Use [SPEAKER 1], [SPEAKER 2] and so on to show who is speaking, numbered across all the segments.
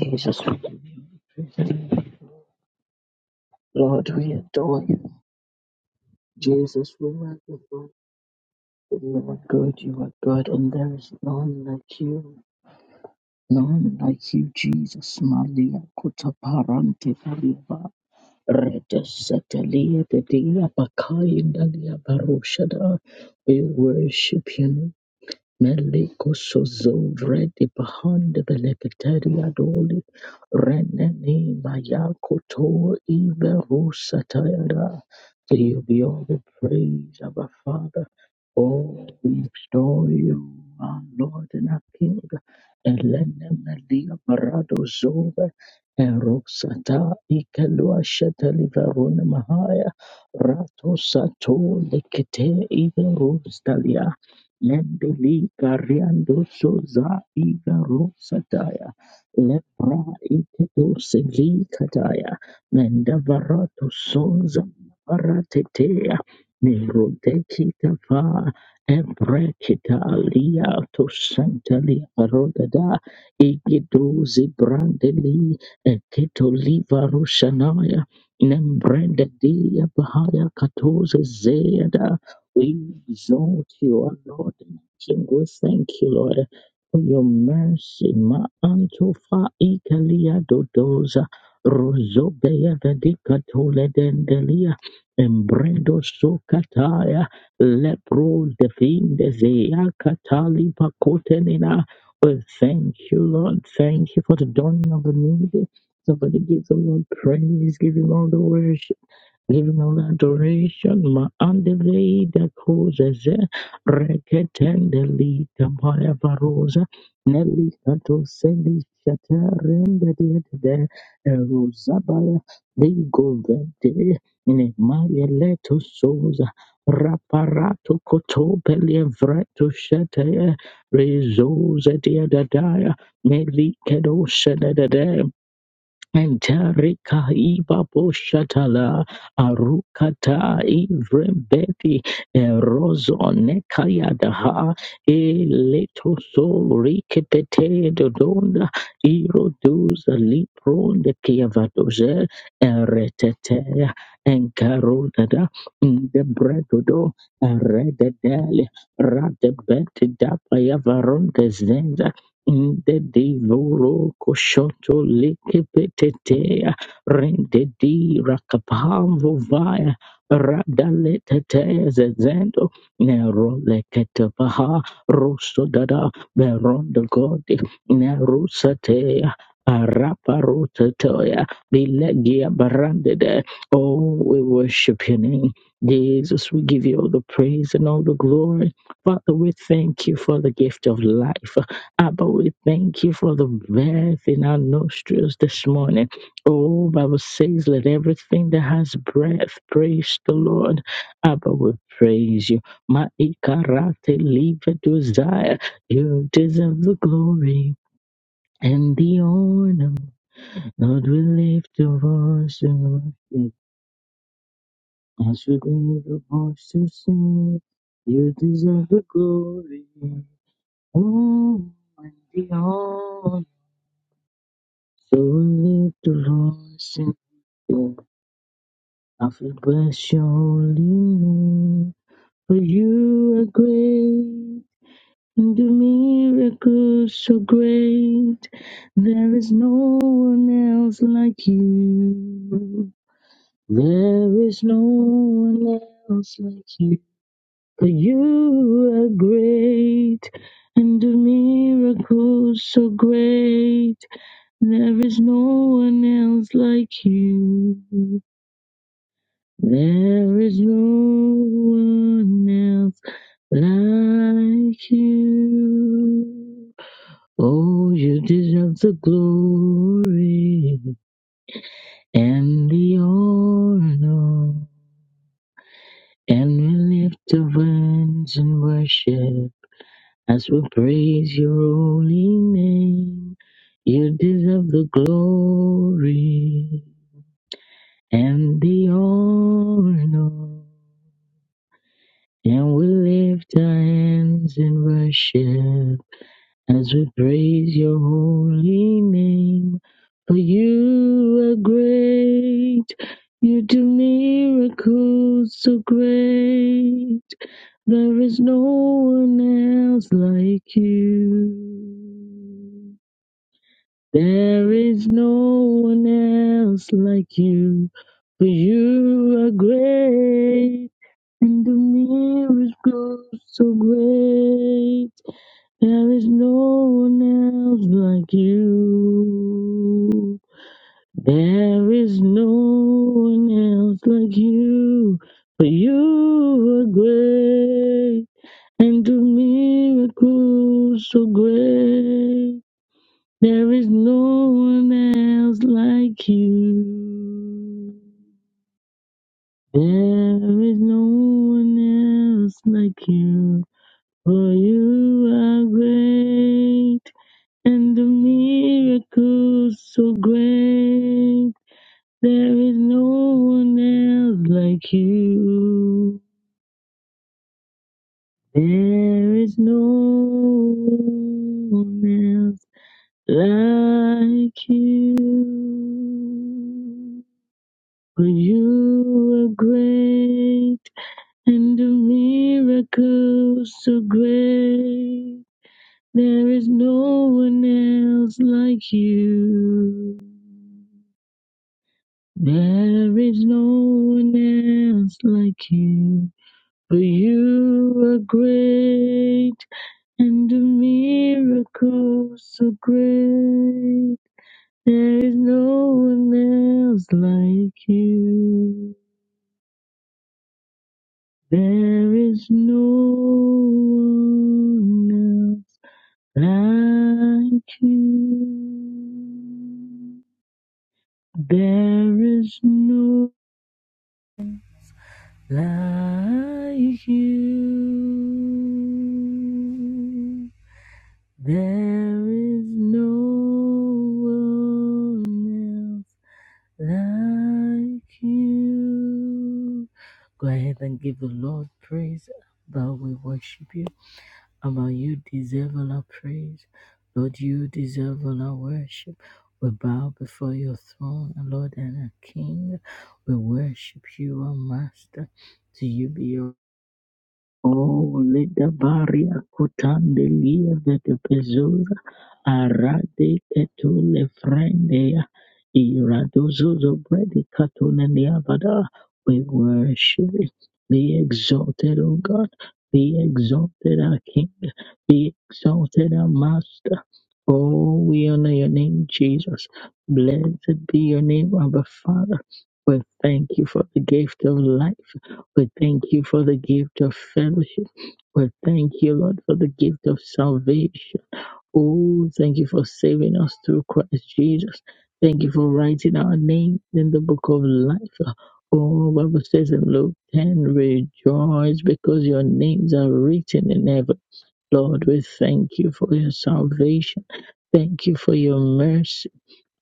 [SPEAKER 1] Jesus, we give you Lord, we adore you. Jesus, we magnify you. You are good, you are good, and there is none like you. None like you, Jesus. Malia kuta parante paliba. Rete setalia de dia bakai dalia barushada. We worship you, Meliko sozo vredi bahande belekteria doli reneni mayako to iberu satayada. To you be all the praise of our Father. Oh, we adore you, our Lord and our King. Elene melia parado zove erosata ikelua shetali varuna mahaya rato sato lekete iberu Lendoli Gariando Soza Igaro Sataya Lepra Iketo Seli Kataya Mendavarato Sonza Paratetea Neroteki Tava Ebrekita Lia to Santali Arodada Igido Zibrandeli Eketo Liva Rushanaya Nembrenda Dia Bahaya Katoza Zeda we exalt you, O Lord. and King, we thank you, Lord, for your mercy. Ma antofa ikalia dodoza. Rozobeya vedika tole dendelia. Embrendo sokataya. Lepro definde zeya katali pakotenina. We thank you, Lord. Thank you for the dawning of the new day. Somebody give the Lord praise, give him all the worship. Give him all adoration, ma andele da cozes, recetendeli campaya varosa, nelli cato sendi shatarende de rosabaya, di govente, ne maia leto sosa, raparato cotopeli evreto shete, rezosa dia dadaya, nelli cedo Enterika ibapo shatala arukata ivrebeti erozo nekayadaha eleto so rikepete dodonda iroduza lipronde kiavadoze eretete enkarodada ndebredodo erededele radebete dapayavaronde Inde divoro koshoto lekepetetea rende di rakapamvo vaya radaletetea zezendo nero leketevaha rosso dada berondo godi nerusatea araparotetoya bilegia barandede oh we worship your name Jesus we give you all the praise and all the glory Father we thank you for the gift of life Abba, we thank you for the breath in our nostrils this morning. Oh, Bible says, let everything that has breath praise the Lord. Abba, we praise you. Ma ikarate live desire. You deserve the glory and the honor. Lord, we lift your voice and worship. As we lift the voice to sing, you deserve the glory. Oh, and the honor. To lift the voice and sing, I will bless your holy name. For you are great, and do miracles so great. There is no one else like you. There is no one else like you. For you are great, and do miracles so great. There is no one else like you. There is no one else like you. Oh, you deserve the glory and the honor. And we lift our hands in worship as we praise your holy name. You deserve the glory and the honor. And we lift our hands in worship as we praise your holy name. For you are great, you do miracles so great. There is no one else like you. There is no one else like you, for you are great. And the miracle so great, there is no one else like you. There is no one else like you, for you are great. And the miracles so great, there is no one else like you. There is no one else like you. For you are great, and the miracles so great. There is no one else like you. There is no one else like you. For you are great, and the miracles so great. There is no one else like you. There is no one else like you. For you are great and a miracle so great. There is no one else like you. There is no one else like you. There is no like you. There is no one else like you. Go ahead and give the Lord praise, but we worship you. Among you deserve all our praise. Lord, you deserve all our worship. We bow before your throne, our Lord and our King. We worship you, our Master. To you be all. Oh, leda baria kutande lieve de pezura arade ketule frendea iradozozo bredi katune niabada. We worship it. Be exalted, O God. Be exalted, our King. Be exalted, our Master. Oh, we honor your name, Jesus. Blessed be your name, our Father. We thank you for the gift of life. We thank you for the gift of fellowship. We thank you, Lord, for the gift of salvation. Oh, thank you for saving us through Christ Jesus. Thank you for writing our names in the book of life. Oh, Bible says in Luke 10, rejoice because your names are written in heaven. Lord, we thank you for your salvation. Thank you for your mercy.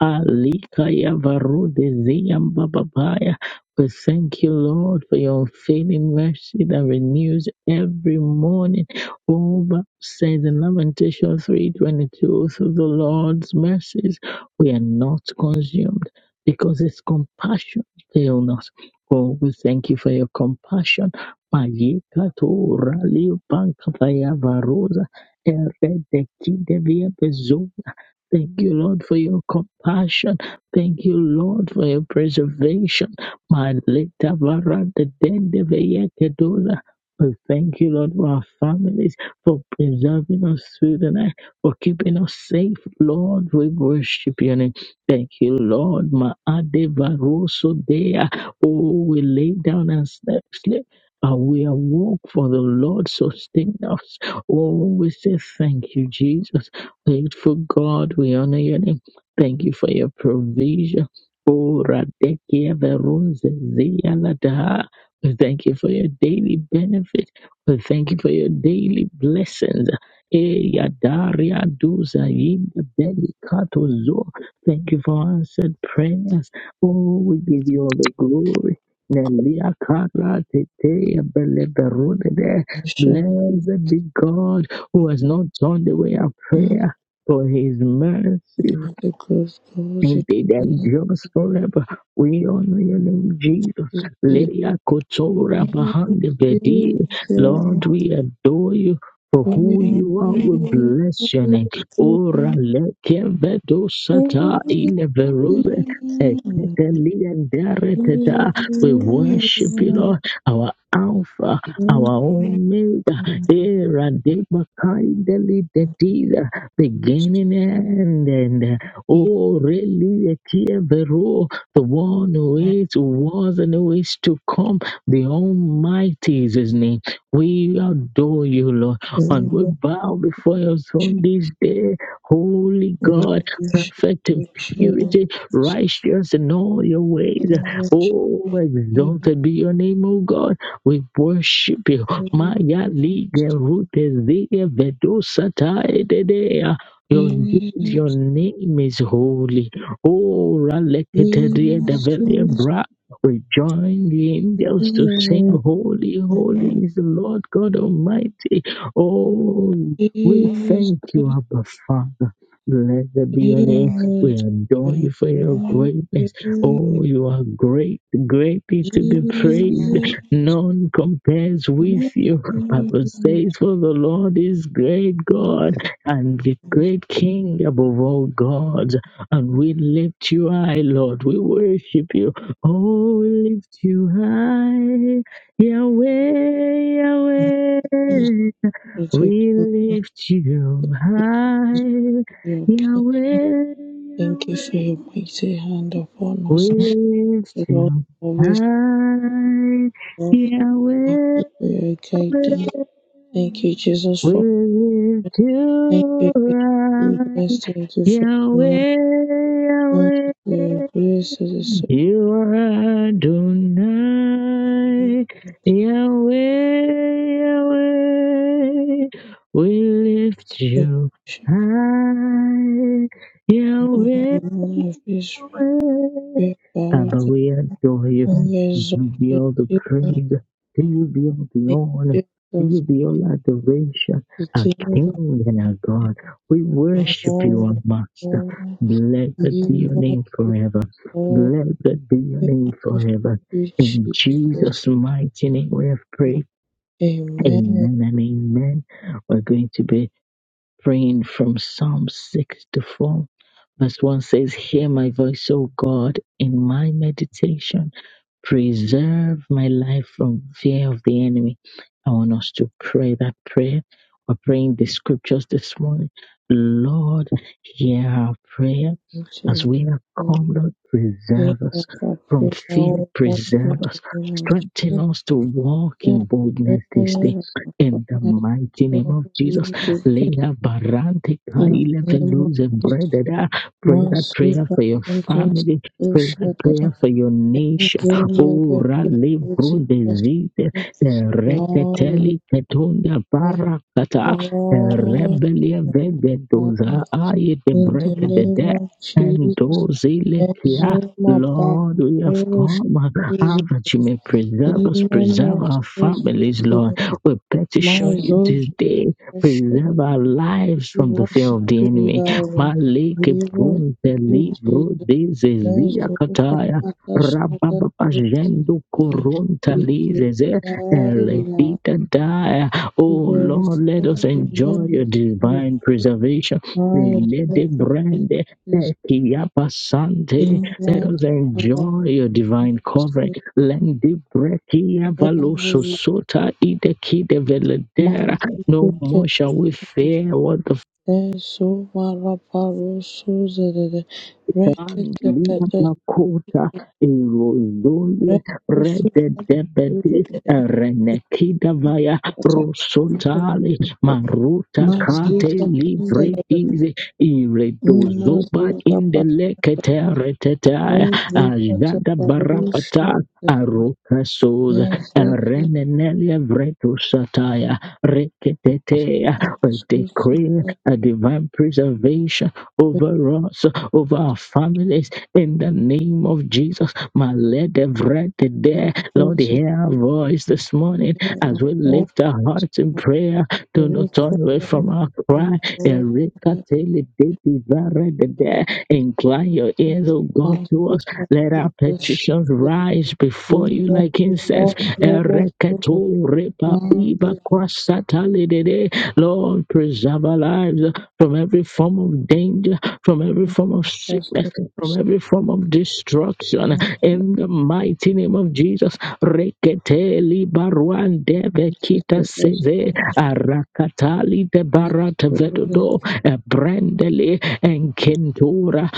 [SPEAKER 1] Alikaya varude ziyamba bababaya. We thank you, Lord, for your unfailing mercy that renews every morning. Oh, Bible says in Lamentation 3.22, through the Lord's mercies we are not consumed because his compassion fail not. Oh, we thank you for your compassion. Mayeka to rali bankabaya vaya varosa. Erede kide via Thank you, Lord, for your compassion. Thank you, Lord, for your preservation. Maleta vara de dende veye kedula. We thank you, Lord, for our families, for preserving us through the night, for keeping us safe, Lord. We worship your name. Thank you, Lord. Maade varoso dea. Oh, we lay down and slept, sleep, and we awoke, for the Lord sustained us. Oh, we say thank you, Jesus. Faithful God, we honor your name. Thank you for your provision. Oh, Radekia Verunze Zia Ladaha. We thank you for your daily benefit. We thank you for your daily blessings. Eh, Yadaria Duza Yinda Belikato Zo. Thank you for answered prayers. Oh, we give you all the glory. Nelia Kara Tete Beleberunede.
[SPEAKER 2] Shut
[SPEAKER 1] Blessed be God who has not turned away our prayer
[SPEAKER 2] up,
[SPEAKER 1] for his mercy.
[SPEAKER 2] the close calls you
[SPEAKER 1] Indeed, i
[SPEAKER 2] have
[SPEAKER 1] just forever. We honor your name, Jesus.
[SPEAKER 2] to see.
[SPEAKER 1] Leia Kotora behind the Vedi. Lord, we adore you. For who you are, we bless your name. Ora leke vedo sata ile verose. Eketeli endere teta. We worship you, Lord, our Alpha, our Omega, Era de Makaideli Dedida, beginning and end. Oh, really, Vero, the one who is, who was, and who is to come. The Almighty is his name. We adore you, Lord, and we bow before your throne this day. Holy God, perfect in purity, righteous in all your ways. Oh, exalted be your name, O God. We worship you. Maya Liga Rute Ziga Vedosa your, your name is holy. Oh, Raleketerie Develia Bra. We join the angels to sing, Holy, holy is the Lord God Almighty. Oh, we thank
[SPEAKER 2] Jesus,
[SPEAKER 1] you, Abba Father. Blessed be your name. We
[SPEAKER 2] Jesus,
[SPEAKER 1] adore you
[SPEAKER 2] Thank
[SPEAKER 1] for
[SPEAKER 2] you
[SPEAKER 1] your
[SPEAKER 2] Jesus, for your goodness, for your
[SPEAKER 1] greatness.
[SPEAKER 2] blessings.
[SPEAKER 1] Oh, you are great, greatly to be
[SPEAKER 2] Thank
[SPEAKER 1] praised. None compares
[SPEAKER 2] you
[SPEAKER 1] with you. Bible says, For the Lord is great God and the great King above all gods. And we lift you high, Lord. We worship you. Oh, we lift you high, Yahweh, Yahweh. We lift you high, Yahweh, Yahweh.
[SPEAKER 2] for your mighty hand upon us.
[SPEAKER 1] We lift
[SPEAKER 2] The Lord
[SPEAKER 1] you
[SPEAKER 2] always
[SPEAKER 1] high,
[SPEAKER 2] love. Thank
[SPEAKER 1] Yahweh.
[SPEAKER 2] you for your guidance. Thank you, Jesus, for
[SPEAKER 1] With
[SPEAKER 2] thank you
[SPEAKER 1] you,
[SPEAKER 2] for your
[SPEAKER 1] right?
[SPEAKER 2] goodness. Thank you for your
[SPEAKER 1] Yahweh,
[SPEAKER 2] mercy. Thank
[SPEAKER 1] Yahweh,
[SPEAKER 2] you for your grace. It is so
[SPEAKER 1] you are
[SPEAKER 2] much.
[SPEAKER 1] Adonai. Yahweh, Yahweh, we lift
[SPEAKER 2] The
[SPEAKER 1] you high. Yahweh,
[SPEAKER 2] of
[SPEAKER 1] way.
[SPEAKER 2] Israel
[SPEAKER 1] Father, we adore you.
[SPEAKER 2] Years of
[SPEAKER 1] you be
[SPEAKER 2] the
[SPEAKER 1] all the
[SPEAKER 2] different
[SPEAKER 1] praise. To you be all the honor.
[SPEAKER 2] ages
[SPEAKER 1] To you be all adoration.
[SPEAKER 2] the
[SPEAKER 1] Our
[SPEAKER 2] kingdom
[SPEAKER 1] King and our God. We worship you, our
[SPEAKER 2] of
[SPEAKER 1] Master.
[SPEAKER 2] God,
[SPEAKER 1] Blessed
[SPEAKER 2] he
[SPEAKER 1] be your
[SPEAKER 2] was
[SPEAKER 1] name forever. Blessed be your name forever. In
[SPEAKER 2] Jesus.
[SPEAKER 1] Jesus' mighty name we have prayed.
[SPEAKER 2] Amen.
[SPEAKER 1] Amen and amen. We're going to be praying from Psalm 64, verse 1 says, Hear my voice, O God, in my meditation preserve my life from fear of the enemy. I want us to pray that prayer. We're praying the scriptures this morning. Lord, hear our prayer as
[SPEAKER 2] Jesus.
[SPEAKER 1] we have come, Lord,
[SPEAKER 2] Hear
[SPEAKER 1] preserve us
[SPEAKER 2] our prayer,
[SPEAKER 1] from fear,
[SPEAKER 2] O in
[SPEAKER 1] preserve us,
[SPEAKER 2] the name of
[SPEAKER 1] strengthen
[SPEAKER 2] Jesus.
[SPEAKER 1] us to walk
[SPEAKER 2] Hear
[SPEAKER 1] in
[SPEAKER 2] our
[SPEAKER 1] boldness this day.
[SPEAKER 2] prayer,
[SPEAKER 1] In the mighty name of Jesus, Lea Barante
[SPEAKER 2] In
[SPEAKER 1] Kaile
[SPEAKER 2] the name of
[SPEAKER 1] Veluze
[SPEAKER 2] Jesus,
[SPEAKER 1] Brededa. pray
[SPEAKER 2] my
[SPEAKER 1] that prayer
[SPEAKER 2] super
[SPEAKER 1] for your
[SPEAKER 2] protest,
[SPEAKER 1] family, pray that prayer for your
[SPEAKER 2] Thank
[SPEAKER 1] nation
[SPEAKER 2] you, my God,
[SPEAKER 1] ura
[SPEAKER 2] for
[SPEAKER 1] librum
[SPEAKER 2] Jesus.
[SPEAKER 1] desite
[SPEAKER 2] Glory,
[SPEAKER 1] reketeli ketunda barakata
[SPEAKER 2] glory,
[SPEAKER 1] rebelia vegedoza aye de
[SPEAKER 2] In the
[SPEAKER 1] break the
[SPEAKER 2] name
[SPEAKER 1] dead
[SPEAKER 2] of
[SPEAKER 1] and
[SPEAKER 2] Jesus,
[SPEAKER 1] those kia
[SPEAKER 2] Exuma
[SPEAKER 1] Lord, we have
[SPEAKER 2] Papyrus,
[SPEAKER 1] come ah, that you may preserve us,
[SPEAKER 2] Inanna
[SPEAKER 1] preserve our families, Lord. We
[SPEAKER 2] my
[SPEAKER 1] petition you
[SPEAKER 2] souls
[SPEAKER 1] today,
[SPEAKER 2] worship,
[SPEAKER 1] preserve our lives
[SPEAKER 2] we
[SPEAKER 1] from the fear
[SPEAKER 2] worship
[SPEAKER 1] of the
[SPEAKER 2] you,
[SPEAKER 1] enemy.
[SPEAKER 2] Yahweh,
[SPEAKER 1] Malik
[SPEAKER 2] we worship
[SPEAKER 1] Brun, the
[SPEAKER 2] you,
[SPEAKER 1] Libro,
[SPEAKER 2] Jesus,
[SPEAKER 1] this
[SPEAKER 2] Exuma
[SPEAKER 1] is
[SPEAKER 2] Papyrus, we
[SPEAKER 1] Rabababazhendo koronta lizeze
[SPEAKER 2] glorify you,
[SPEAKER 1] elepita daya. Oh
[SPEAKER 2] There is
[SPEAKER 1] Lord, let us
[SPEAKER 2] no
[SPEAKER 1] enjoy your
[SPEAKER 2] limit to the
[SPEAKER 1] divine preservation.
[SPEAKER 2] power
[SPEAKER 1] Elede
[SPEAKER 2] of
[SPEAKER 1] brande
[SPEAKER 2] this
[SPEAKER 1] ekiyapa sante. Let
[SPEAKER 2] inner
[SPEAKER 1] us
[SPEAKER 2] capacity.
[SPEAKER 1] enjoy your divine covering. Lendi brekia valoso sota ideki de veledera. No more shall we
[SPEAKER 2] Manipulative
[SPEAKER 1] fear what the
[SPEAKER 2] esovaraparasoserere
[SPEAKER 1] Lina
[SPEAKER 2] rekekepete
[SPEAKER 1] makota erozole rede debede
[SPEAKER 2] rekosuparurugere
[SPEAKER 1] renekida vaya
[SPEAKER 2] ikata
[SPEAKER 1] rosotale maruta kate
[SPEAKER 2] maziza kendelebebe
[SPEAKER 1] livretize iredozoba
[SPEAKER 2] imazuza
[SPEAKER 1] indelekete
[SPEAKER 2] pashatatata
[SPEAKER 1] retete ajada barapata
[SPEAKER 2] rezukataparushe
[SPEAKER 1] arokasoza
[SPEAKER 2] Muziki
[SPEAKER 1] renenelia vretosataya reketetea. We decree
[SPEAKER 2] unashirikisha
[SPEAKER 1] a divine preservation over us over our families in the name of Jesus. My let everything there, Lord,
[SPEAKER 2] mtiririko
[SPEAKER 1] hear our voice this morning as we lift our hearts in prayer. Do not turn away from
[SPEAKER 2] mbalimbali
[SPEAKER 1] our
[SPEAKER 2] wa
[SPEAKER 1] cry. Erekatele dedivaredede. Incline your ears, O God, to us.
[SPEAKER 2] lugha
[SPEAKER 1] Let our petitions
[SPEAKER 2] ikiwemo
[SPEAKER 1] rise before you like incense.
[SPEAKER 2] Kimoja-Rus, Urdu,
[SPEAKER 1] Ereketo repa iba
[SPEAKER 2] Kifaransa, Kiingereza,
[SPEAKER 1] kwasatalidede. Lord, preserve our lives from every form of danger from every form of sickness, from every form of destruction. In the mighty name of Jesus, Reketeli Baruan Debe Kita
[SPEAKER 2] Kiingereza, Kiingereza,
[SPEAKER 1] Seze Arakatali de Barat Vedodo Brandele and Kentura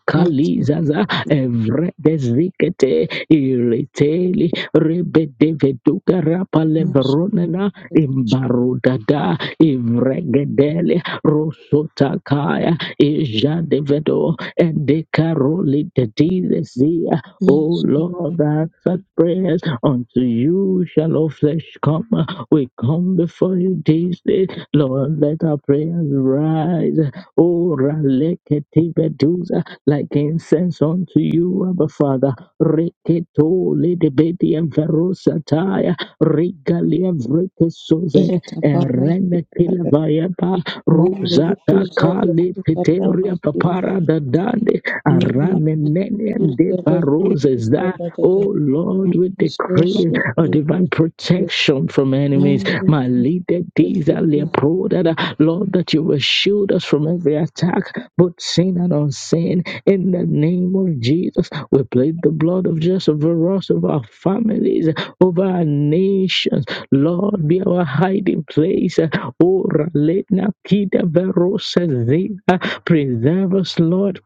[SPEAKER 2] Maldives
[SPEAKER 1] Evredezikete Iriteli Rebedeveduka Rapalevronena Imbarudada Ivregedele Rosotakaya Ija Devedo and Decaroli the Desia. O Lord, answer prayers unto you shall all flesh come. We come before you this day. Lord, let our prayers rise. O Ralekete Bedusa, like incense unto you, Abba Father. Reketo Lidibedi and Verusataya, Rigalia Vrekesoze, Erenekila Rosata
[SPEAKER 2] za
[SPEAKER 1] Kali Peteria
[SPEAKER 2] Kifaransa
[SPEAKER 1] Papara Dadande
[SPEAKER 2] I'm
[SPEAKER 1] Aranenene De
[SPEAKER 2] Thank you.
[SPEAKER 1] Baroses that oh Lord we decree a divine protection from enemies. My leader these are the pro that Lord that you will shield us from every attack, both seen and unseen. In the name of Jesus, we plead the blood of Jesus over us, over our families, over our nations. Lord, be our hiding place. Ora lena kida verosa zea. Preserve us, Lord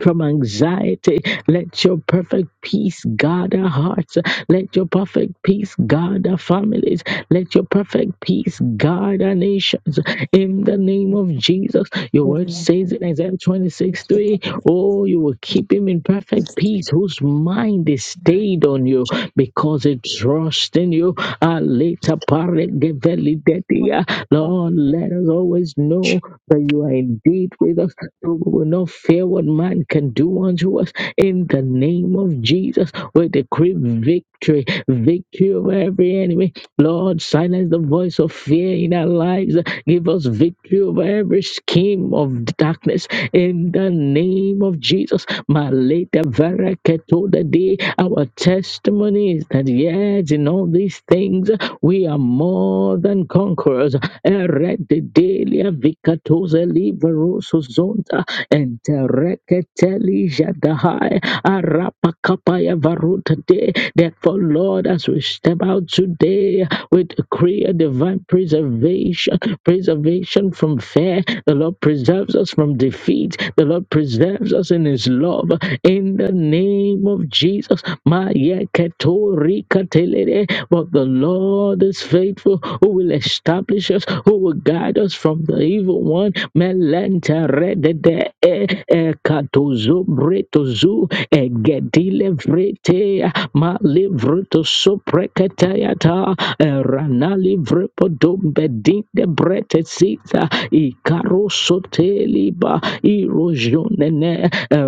[SPEAKER 1] from anxiety. Let your perfect peace guard our hearts. Let your perfect peace guard our families. Let your perfect peace guard our nations. In the name of Jesus, your word says in Isaiah 26 three, Oh, you will keep him in perfect peace whose mind is stayed on you because it trusts in you. Ah, leta pare geveli dedia. Lord, let us always know for you are indeed with us. So we will not fear what man can do unto us. In the name of Jesus, we decree victory, victory over every enemy Lord, silence the voice of fear in our lives. Give us victory over every scheme of darkness in the name of Jesus. Maleta varaketo the day. Our testimony is that yet in all these things we are more than conquerors. Erededelia vikatoza liberoso zonta entereketeli jadahai arapakapaya varuta de. Therefore, Lord, as we step out today, declare, we declare divine preservation, preservation from fear. The Lord preserves us from defeat. The Lord preserves us in His love. In the name of Jesus, Maya Ketori Katelere. but the Lord is faithful, who will establish us, who will guide us from the evil one. Melenta redede e e katozo bretozu e gedile vrete ma livruto soprekatayata Ranali vrepodombe dinde brete sita ikaro soteliba irojonene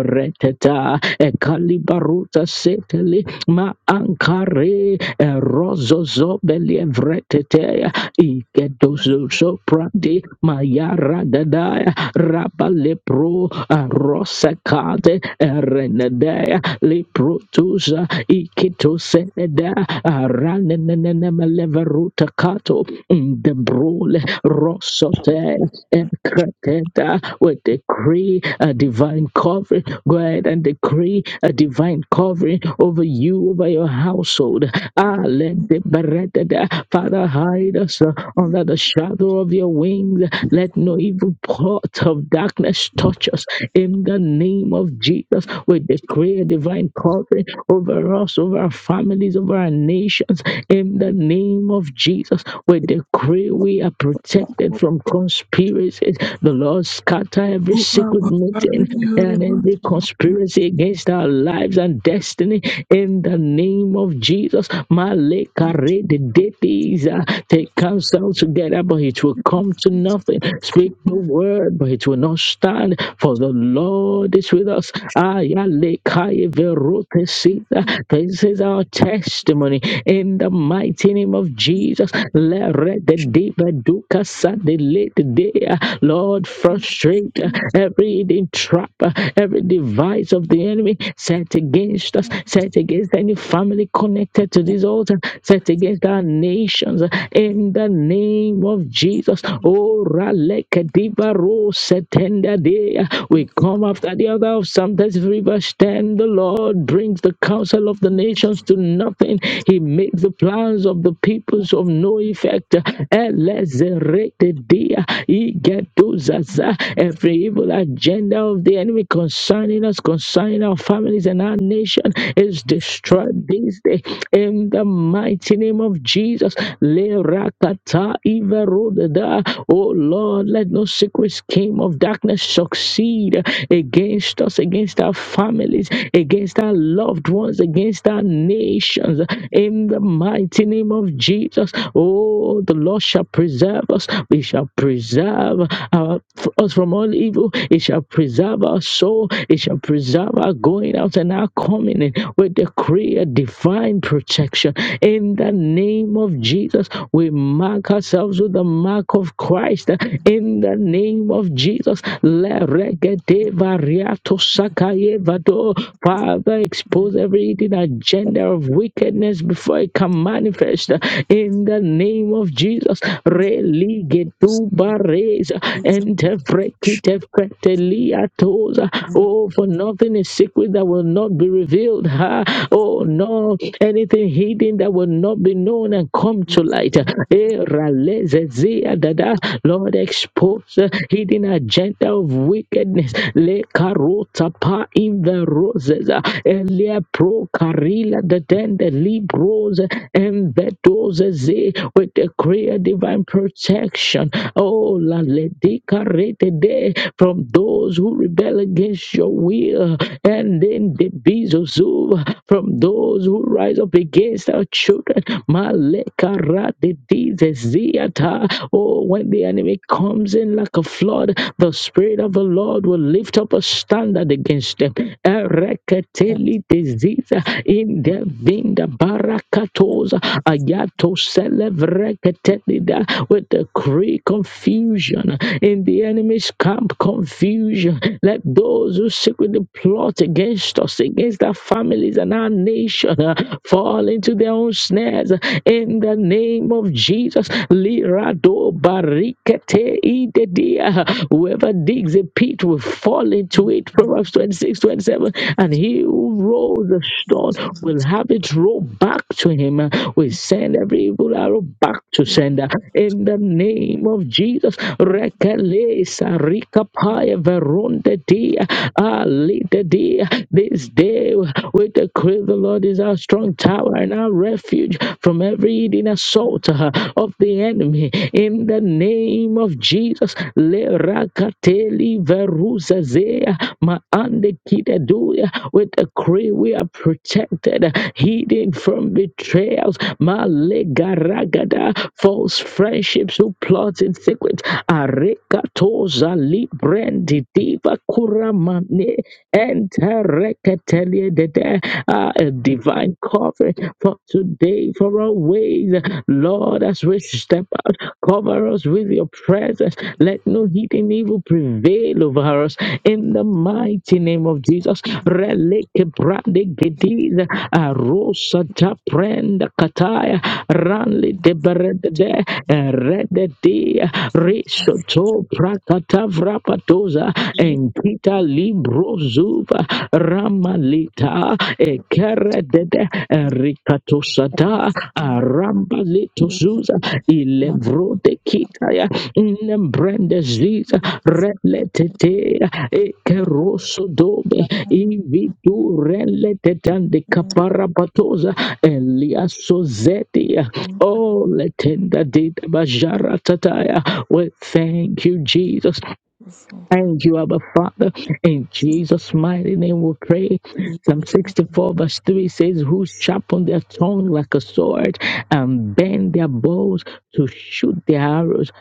[SPEAKER 1] reteta ekalibaruta seteli ma ankare rozozo belevretete ikedozo soprandi mayara dadaya rabalepro rosakate renedea leprotusa ikitoseneda ranenene leveruta kato in the brule rosote and kraketa. We decree a divine covering. Go ahead and decree a divine covering over you, over your household. Ah, let the beretida. Father, hide us uh, under the shadow of your wings. Let no evil plot of darkness touch us. In the name of Jesus, we decree a divine covering over us, over our families, over our nations. In the name name of Jesus. We decree we are protected from conspiracies. The Lord scatter every secret meeting and
[SPEAKER 2] everything
[SPEAKER 1] every conspiracy against our lives and destiny in the name of Jesus. Malekare de deities, uh, They counsel together, but it will come to nothing. Speak the word, but it will not stand, for the Lord is with us. Ayalekaye verotesita. This is our testimony in the mighty name of name of Jesus. Le re de de ba du ka sa de le de de. Lord, frustrate uh, every hidden trap, uh, every device of the enemy set against us, set against any family connected to this altar, set against our nations. uh, In the name of Jesus, oh, ra le ke di ba ro se ten da de. we come after the other of Psalms River stand. The Lord brings the counsel of the nations to nothing. He makes the plans of the people peoples of no effect. Elezeretedia, igeduzaza. Every evil agenda of the enemy concerning us, concerning our families and our nation is destroyed this day in the mighty name of Jesus. Lerakata iverodada. Oh Lord, let no secret scheme of darkness succeed against us, against our families, against our loved ones, against our nations. In the mighty name of Jesus. Oh, the Lord shall preserve us. He shall preserve our, us from all evil. He shall preserve our soul. He shall preserve our going out and our coming in. We decree a divine protection in the name of Jesus. We mark ourselves with the mark of Christ in the name of Jesus. Le regede variato sakaye vado. Father, expose every hidden agenda of wickedness before it can manifest in the name of Jesus. Religedubareza
[SPEAKER 2] my
[SPEAKER 1] and tefrekitefreteliatoza. Oh, for nothing is secret that will not be revealed. Ha. Oh, no, anything hidden that will not be known and come to light. Eh, ralezezea dada. Lord, expose the hidden agenda of wickedness. Le karota pa in the roses. Elia pro karila the den the libros and vetos Moses. eh, We declare divine protection. Oh, la ledika de from those who rebel against your will, and then the bizozu from those who rise up against our children. Maleka ra de ziata. Oh, when the enemy comes in like a flood, the spirit of the Lord will lift up a standard against them. Ereketeli de ziza in the vinda barakatoza to celebrate with decree confusion in the enemy's camp confusion let those who secretly plot against us against our families and our nation uh, fall into their own snares in the name of jesus lirado barikete idedia. whoever digs a pit will fall into it proverbs 26:27. and he who rolls a stone will have it rolled back to him we send every every evil arrow back to sender in the name of Jesus. Rekele sarika paya veronde dia ali de dia. This day we decree the Lord is our strong tower and our refuge from every hidden assault uh, of the enemy. In the name of Jesus, le rakateli veruzazea maande kideduya. We decree we are protected, uh, hidden from betrayals. Male Legaragada, false friendships who plot in secret. Arekatoza librendi diva kuramane entereketelie dede. Ah, A divine covering for today, for our ways. Lord, as we step out, cover us with your presence. Let no hidden evil prevail over us. In the mighty name of Jesus. Releke brande gediza arosa ta prenda kataya ranli de berede rede de risoto prakata vrapatoza enkita libro zuva ramalita ekerede rikatosada
[SPEAKER 2] favorite
[SPEAKER 1] arambalitozuza
[SPEAKER 2] man
[SPEAKER 1] ilevro de
[SPEAKER 2] of us
[SPEAKER 1] kitaya
[SPEAKER 2] is
[SPEAKER 1] nembrendezita
[SPEAKER 2] that
[SPEAKER 1] reletete ekerosodobe
[SPEAKER 2] my husband is
[SPEAKER 1] ividu reletete ande
[SPEAKER 2] very
[SPEAKER 1] kaparabatoza eliasozeti Oh, letenda dita bajara tataya. We thank you, Jesus.
[SPEAKER 2] beautiful.
[SPEAKER 1] Thank you, Abba Father. In Jesus' mighty name we pray.
[SPEAKER 2] He
[SPEAKER 1] Psalm 64 verse 3 says, Who sharpen their tongue like a sword and bend their bows to shoot their arrows.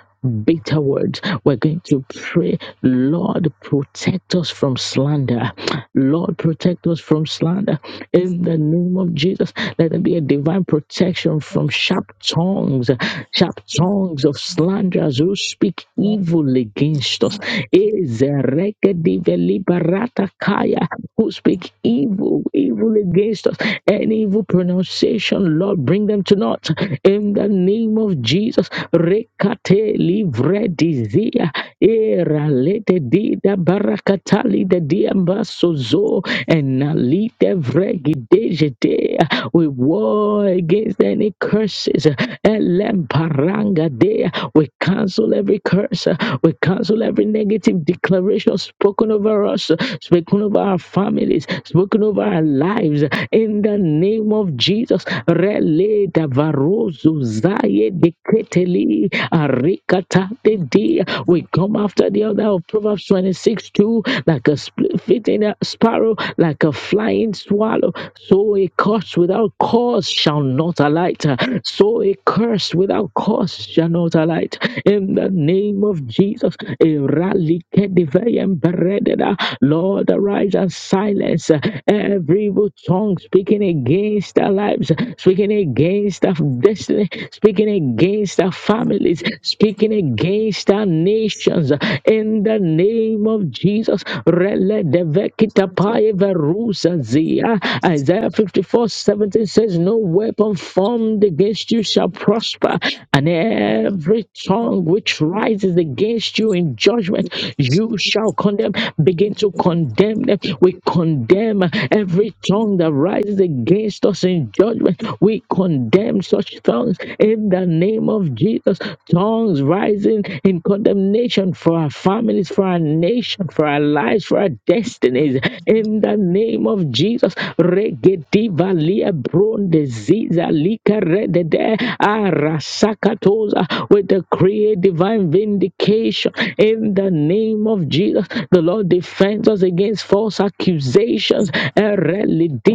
[SPEAKER 1] Bitter words. We're going to pray, Lord, protect us from slander. Lord, protect us from slander in the name of Jesus. Let there be a divine protection from sharp tongues, sharp tongues of slanderers who speak
[SPEAKER 2] loved
[SPEAKER 1] evil against us. Ezerekedivelibarataya who speak evil, evil against us, Any evil pronunciation, Lord, bring them to naught. In the name of Jesus, rekate livre dizia, era lete dida barakatali de diambasozo, and nalite vregidejete. We war against any curses. Elemparanga dea. We cancel every curse. We cancel every negative declaration spoken over us, spoken over our families, spoken over our lives in the name of Jesus. Rele davarozu zaye deketeli arikata
[SPEAKER 2] me
[SPEAKER 1] dede. We come after the other of Proverbs 26 2 like a split fitting a sparrow, like a flying swallow. So a curse without cause shall not alight. So a curse without cause shall not alight. In the name of Jesus, a rally can be very embedded. Lord, arise us silence uh, every evil tongue speaking against our lives, speaking against our destiny, speaking against our families, speaking against our nations. uh, In the name of Jesus, Rele devekita pae verusa zia. Isaiah 54 17 says, No weapon formed against you shall prosper, and every tongue which rises against you in judgment, you shall condemn. Begin to condemn them we condemn every tongue that rises against us in judgment. We condemn such tongues in the name of Jesus. Tongues rising in condemnation for our families, for our nation, for our lives, for our destinies. In the name of Jesus. Regedivalia brondesiza likaredede arasakatoza. We decree divine vindication in the name of Jesus. The Lord defends us against false false accusations.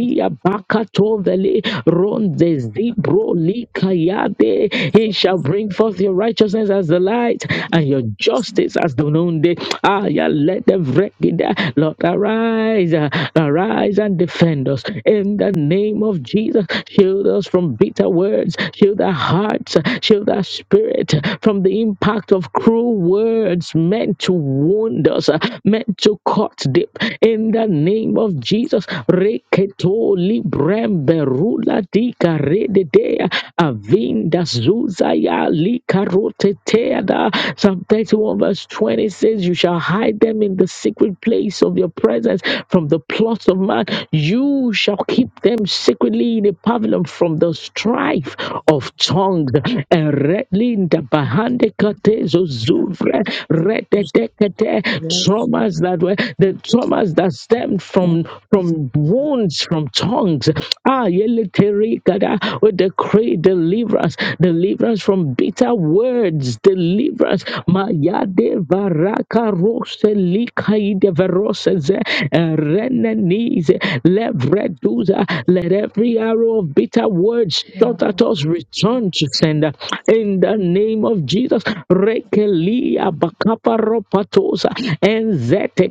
[SPEAKER 2] with the
[SPEAKER 1] bakatoveli rondezibro likayade. He
[SPEAKER 2] full
[SPEAKER 1] shall
[SPEAKER 2] of
[SPEAKER 1] bring forth your righteousness as the light and your
[SPEAKER 2] the
[SPEAKER 1] justice as the noonday. Ah, yeah, let the wicked, uh, Lord, arise, uh, arise and defend us in the name of Jesus. Shield us from bitter words, shield our hearts, uh, shield our spirit uh, from the impact of cruel words meant to wound us, uh, meant to cut deep in the name of Jesus. Reketo librembe rula dika rededea avinda zuzaya likarote teada. Psalm 31 verse 20 says, You shall hide them in the secret place of your presence from the plots of man. You shall keep them secretly in a pavilion from the strife of tongues. Erelinda bahande kate zozuvre rededekete. Traumas that were the traumas traumas that stemmed from from wounds from tongues. Ah, yeleterikada, we decree deliverance, deliverance from bitter words, deliverance. Mayade varaka rose likaide veroses renenize levreduza. Let every arrow of bitter words shot at us return to sender in the name of Jesus. Rekelia bakaparo patosa and zete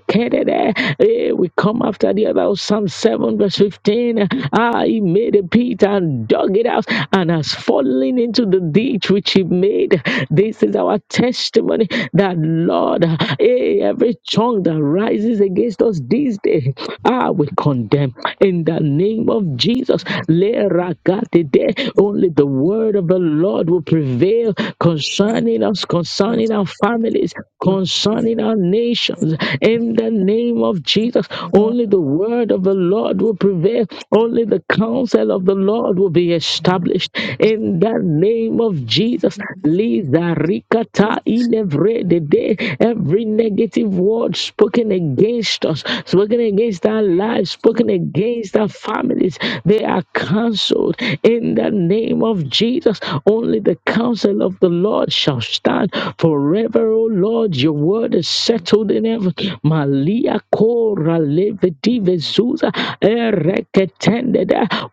[SPEAKER 1] Eh, we come after the other. Psalm 7, verse 15. Ah, he made a pit and dug it out and has fallen into the ditch which he made. This is our testimony that, Lord, eh, every tongue that rises against us this day, ah, we condemn in the name of Jesus. Le ragatide. Only the word of the Lord will prevail concerning us, concerning our families, concerning our nations. In the name of of Jesus. Only the word of the Lord will prevail. Only the counsel of the Lord will be established. In the name of Jesus, Liza Rikata Ilevre Dede. every negative word spoken against us, spoken against our lives, spoken against our families, they are cancelled. In the name of Jesus, only the counsel of the Lord shall stand forever, O Lord. Your word is settled in heaven. Malia Kora leviti vezuza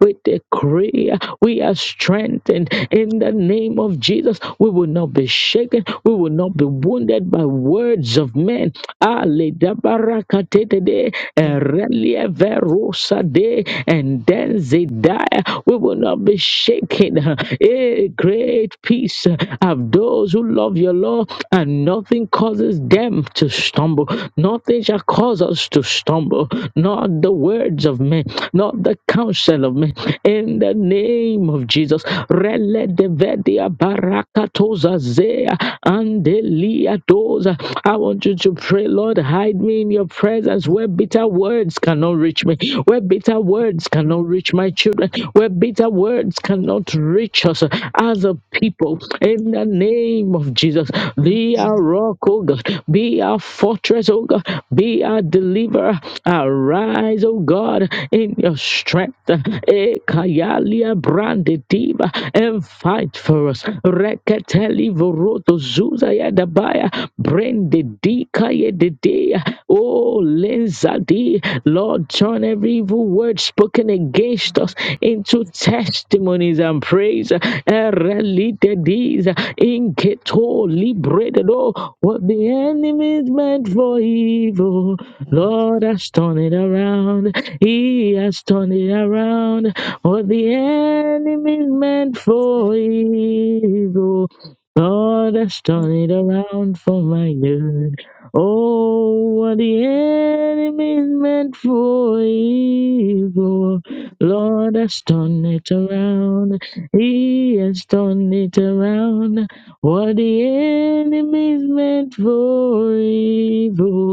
[SPEAKER 1] with the decree we are strengthened in the name of Jesus. We will not be shaken. We will not be wounded by words of men. Ale dabarakatedede erelie verusa de and denzidaya. We will not be shaken. A great peace of those who love your law, and nothing causes them to stumble. Nothing shall cause us cause us to stumble, not the words of men, not the counsel of men. In the name of Jesus, Rele devedia barakatoza zea andelia doza. I want you to pray, Lord, hide me in your presence where bitter words cannot reach me, where bitter words cannot reach my children, where bitter words cannot reach us as a people. In the name of Jesus, be our rock, O God, be our fortress, O God, be our God, deliver. Arise, O God, in your strength. Ekayalia branditiva and fight for us. Reketeli voroto zuza yadabaya brandidika yedidea. Oh, lenzadi, Lord, turn every evil word spoken against us into testimonies and praise. Erelitedis, inketo libredo. What the enemy is meant for evil, Lord has turned it around. He has turned it around. What the enemy meant for evil, God has turned it around for my good. Oh, what the enemy meant for evil, Lord has turned it around. He has turned it around. What the enemy meant for evil.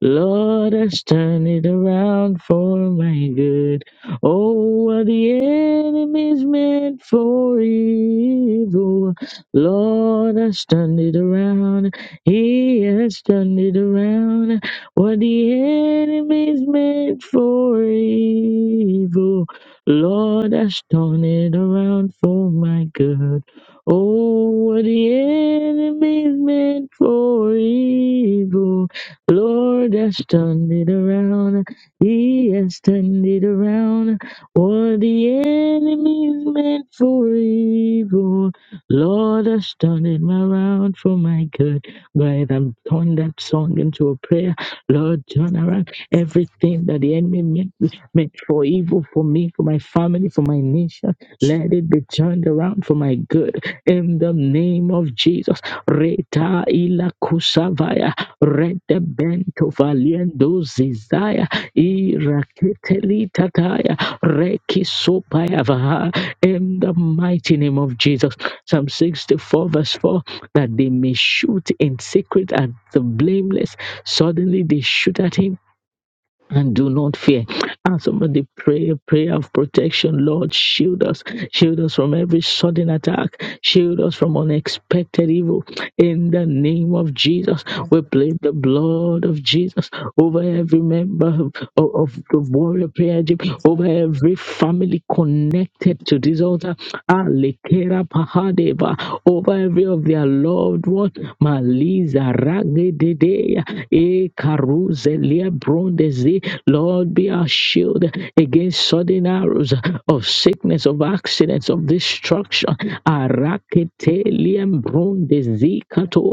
[SPEAKER 1] Lord has turned it around for my good. Oh, what the enemy's meant for evil. Lord has turned it around. He has turned it around. What the enemy's meant for evil. Lord has turned it around for my good. Oh, what the enemy's meant for evil. Lord has turned it around. He has turned it around. What the enemy meant for evil, Lord has turned it around for my good. Go I'm turning that song into a prayer. Lord, turn around everything that the enemy meant, meant for evil for me, for my family, for my nation. Let it be turned around for my good. In the name of Jesus. Reta ila kusavaya. Redebento valiendo zizaya iraketeli tataya reki sopayavaha in the mighty name of Jesus. Psalm 64 verse 4 that they may shoot in secret at the blameless. Suddenly they shoot at him and do not fear. And somebody pray a prayer of protection. Lord, shield us. Shield us from every sudden attack. Shield us from unexpected evil. In the name of Jesus, we plead the blood of Jesus over every member of, of the warrior prayer gym, over every family connected to this altar, Alekera Pahadeva, over every of their loved one, Maliza Ragedea, E Karuzelia Brondezi. Lord, be our shield against sudden arrows of sickness, of accidents, of destruction destruction. Araketelian bronde zikato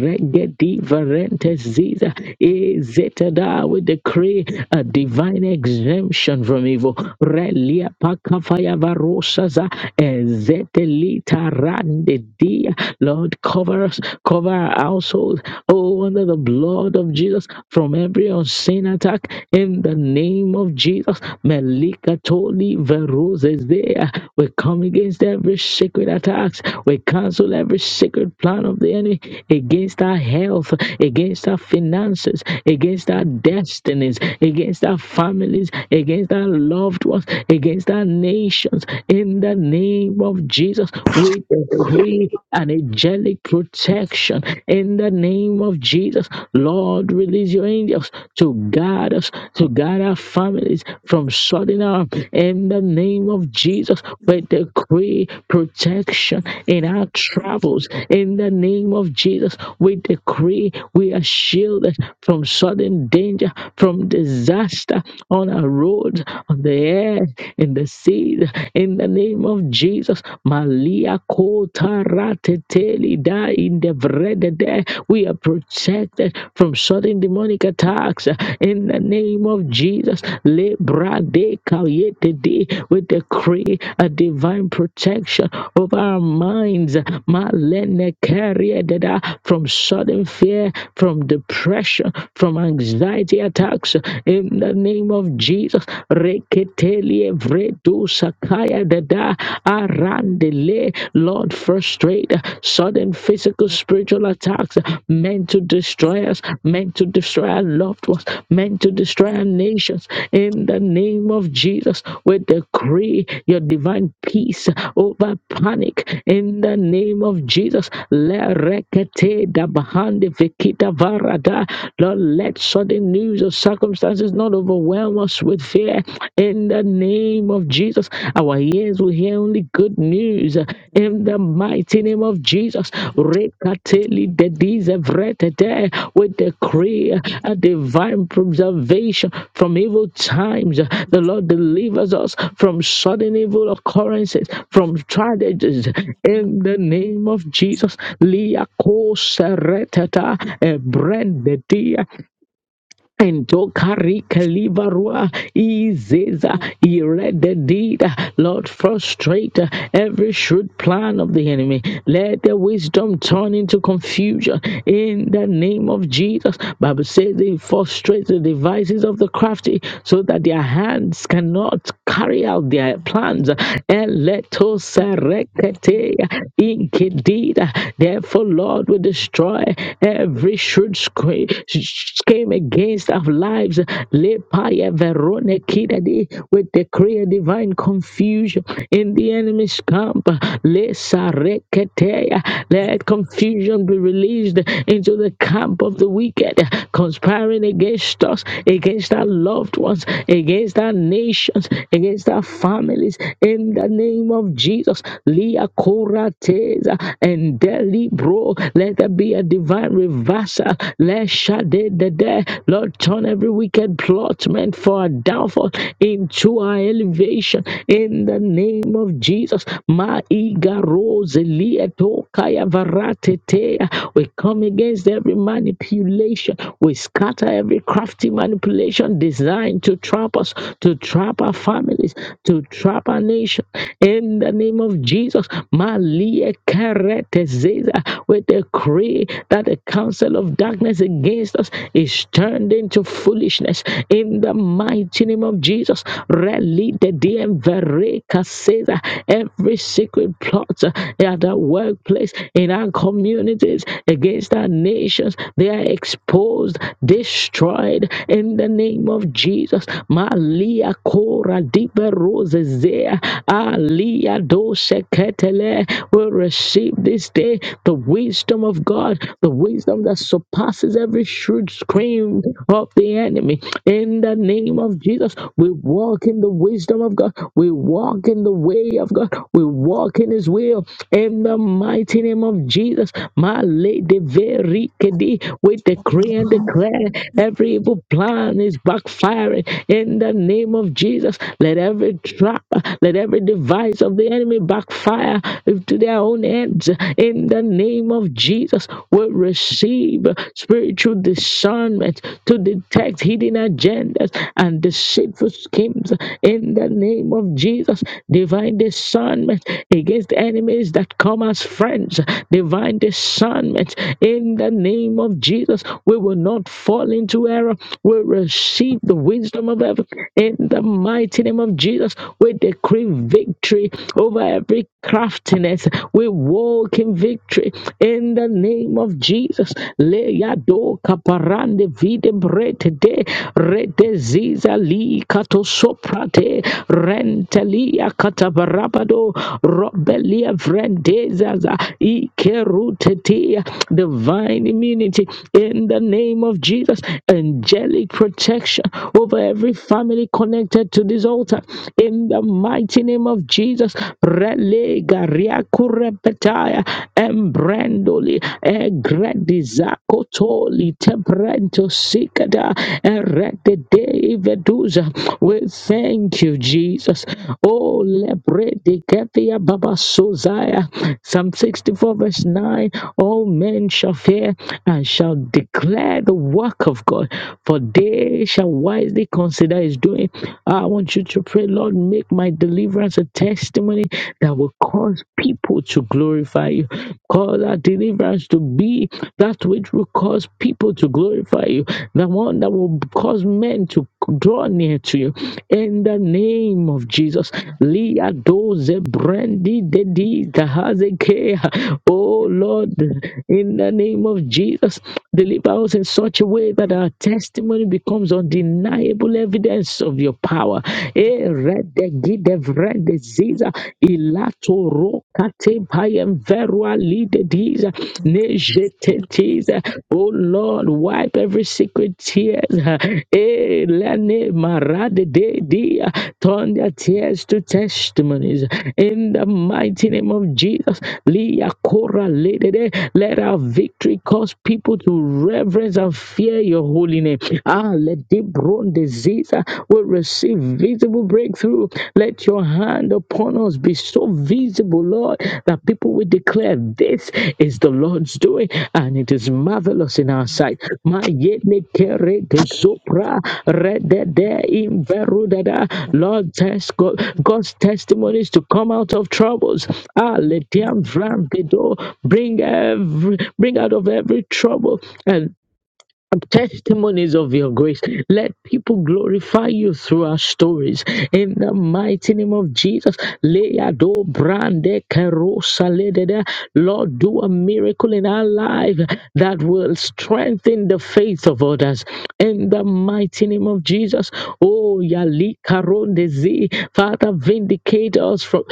[SPEAKER 1] regedi varente ziza ezetada. We decree a divine exemption from evil. Relia pakafaya varosaza ezetelita rande dia. Lord, cover us, cover our household. Oh, under the blood of Jesus from every unseen attack in the name of Jesus. Melika Toli Veruz is there. We come against every secret attacks. We cancel every secret plan of the enemy against our health, against our finances, against our destinies, against our families, against our loved ones, against our nations. In the name of Jesus, we decree an angelic protection. In the name of Jesus, Lord, release release your angels to guard us, to guard our families from sudden harm. In the name of Jesus, we decree protection in our travels. In the name of Jesus, we decree we are shielded from sudden danger, from disaster on our roads, on the air, in the seas. In the name of Jesus, Malia Kota Rateteli Da in the bread, day. We are protected from sudden demonic attacks uh, in the name of Jesus. Lebra de kayete de. We decree a divine protection of our minds. Malene carrier from sudden fear, from depression, from anxiety attacks in the name of Jesus. Reketeli evredu sakaya dada. Arandele. Lord, frustrate sudden physical, spiritual attacks meant to destroy us, meant to destroy our loved ones, meant to destroy our nations. In the name of Jesus, we decree your divine peace over panic. In the name of Jesus, Le rekete da bahande vikita varada. Lord, let sudden news or circumstances not overwhelm us with fear hear in the name of Jesus. Our ears will hear only good news in the mighty name of Jesus. Rekateli dedizevretete. We decree a divine preservation from evil times. The Lord delivers us from sudden evil occurrences, from tragedies in the name of Jesus. Liakosereteta, ebrendedia. And Endokari kalivarua izeza irededida. Lord, frustrate every shrewd plan of the enemy. Let their wisdom turn into confusion in the name of Jesus. Bible says they frustrate the devices of the crafty so that their hands cannot carry out their plans. Eletosarekete inkedida. Therefore, Lord, we destroy every shrewd screen came against our lives. Lepaya verone kidadi. We decree a divine confusion in the enemy's camp. Lesareketea. Let confusion be released into the camp of the wicked, conspiring against us, against our loved ones, against our nations, against our families. In the name of Jesus, Lia Korateza and Delibro. Let there be a divine and reverse. uh, let shade the day. Lord, turn every wicked plotment for our downfall into our elevation in the name of Jesus. Ma iga rose kaya varate We come against every manipulation. We scatter every crafty manipulation designed to trap us, to trap our families, to trap our nation. In the name of Jesus, Ma lia karete zeza. We decree that the counsel of darkness against us is turned into foolishness in the mighty name of Jesus. Rally the DM Vereka says uh, every secret plot uh, at our workplace, in our communities, against our nations, they are exposed, destroyed in the name of Jesus. Malia Kora Diberozezea, Alia Doseketele, we receive receive this day the wisdom of God, the wisdom that surpasses every shrewd scream of the enemy. In the name of Jesus, we walk in the wisdom of God. We walk in the way of God. We walk in His will. In the mighty name of Jesus, my lady very kedi, we decree and declare every evil plan is backfiring. In the name of Jesus, let every trap, let every device of the enemy backfire fire to their own heads in the name of Jesus we receive spiritual discernment to detect hidden agendas and deceitful schemes in the name of Jesus. Divine discernment against enemies that come as friends. Divine discernment in the name of Jesus. We will not fall into error. We receive the wisdom of heaven in the mighty name of Jesus. We decree victory over every craftiness. We walk in victory in the name of Jesus. Leyado kaparande vide brete de rete ziza li kato soprate rentelia katabarabado robelia vrendezaza ikerutetia divine immunity in the name of Jesus. Angelic protection over every family connected to this altar in the mighty name of Jesus. Relega riakurepetaya embrandoli egredizakotoli temprento sikada erededeveduza. We thank you, Jesus. Oh, lebrediketia babasozaya. Psalm 64 verse 9. All men shall fear and shall declare the work of God, for they shall wisely consider his doing. I want you you to pray, Lord, make my deliverance a testimony that will cause people to glorify you. Cause our deliverance to be that which will cause people to glorify you, the one that will cause men to draw near to you. In the name of Jesus, Leah doze brandy dedi gahazeke. Oh Lord, in the name of Jesus, deliver us in such a way that our testimony becomes undeniable tangible evidence of your power. Eh, rede gide vrede ziza, ilato rokate kate payem verua lide diza, ne jete tiza. Oh Lord, wipe every secret tears. Eh, lene marade de dia, turn their tears to testimonies. In the mighty name of Jesus, Lia Kora Lede, de, let our victory cause people to reverence and fear your holy name. Ah, let deep brown disease uh, will receive visible breakthrough. Let your hand upon us be so visible, Lord, that people will declare this is the Lord's doing and it is marvelous in our sight. Ma ye me kere do sopra, re de de in veru da da. Lord, test God, God's testimonies to come out of troubles. Ah, let them vram de do. bring every bring out of every trouble and testimonies of your grace. Let people glorify you through our stories. In the mighty name of Jesus, Leado Brande Kerosa Ledede. Lord, do a miracle in our life that will strengthen the faith of others. In the mighty name of Jesus, oh Yali Karondezi, Father, vindicate us from,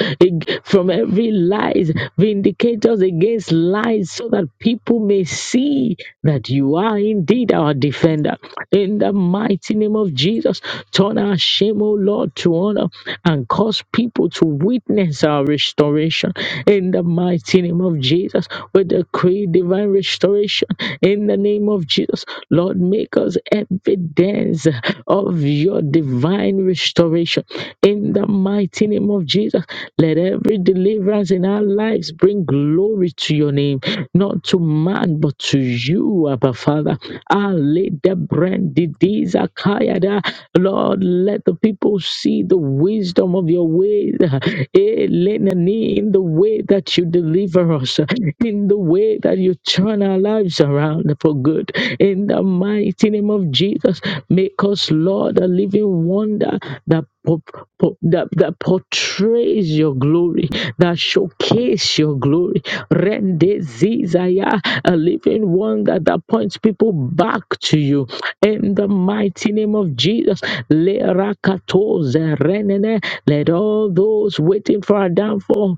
[SPEAKER 1] from every lies. Vindicate courageous against lies so that people may see that you are indeed our defender. In the mighty name of Jesus, turn our shame, O Lord, to honor and cause people to witness our restoration. In the mighty name of Jesus, we decree divine restoration. In the name of Jesus, Lord, make us evidence of your divine restoration In in the mighty name of Jesus. Let every deliverance in our lives bring glory to your name, not to man, but to you, Abba Father. Ali the brand Kayada. Lord, let the people see the wisdom of your ways. Elenani, In the way that you deliver us, in the way that you turn our lives around for good. In the mighty name of Jesus, make us, Lord, a living wonder that po- po- that, that portrays your glory, that showcase your glory. Rende Zizaya, a living one that, that points people back to you. In the mighty name of Jesus, Le Rakato Zerenene, let all those waiting for our downfall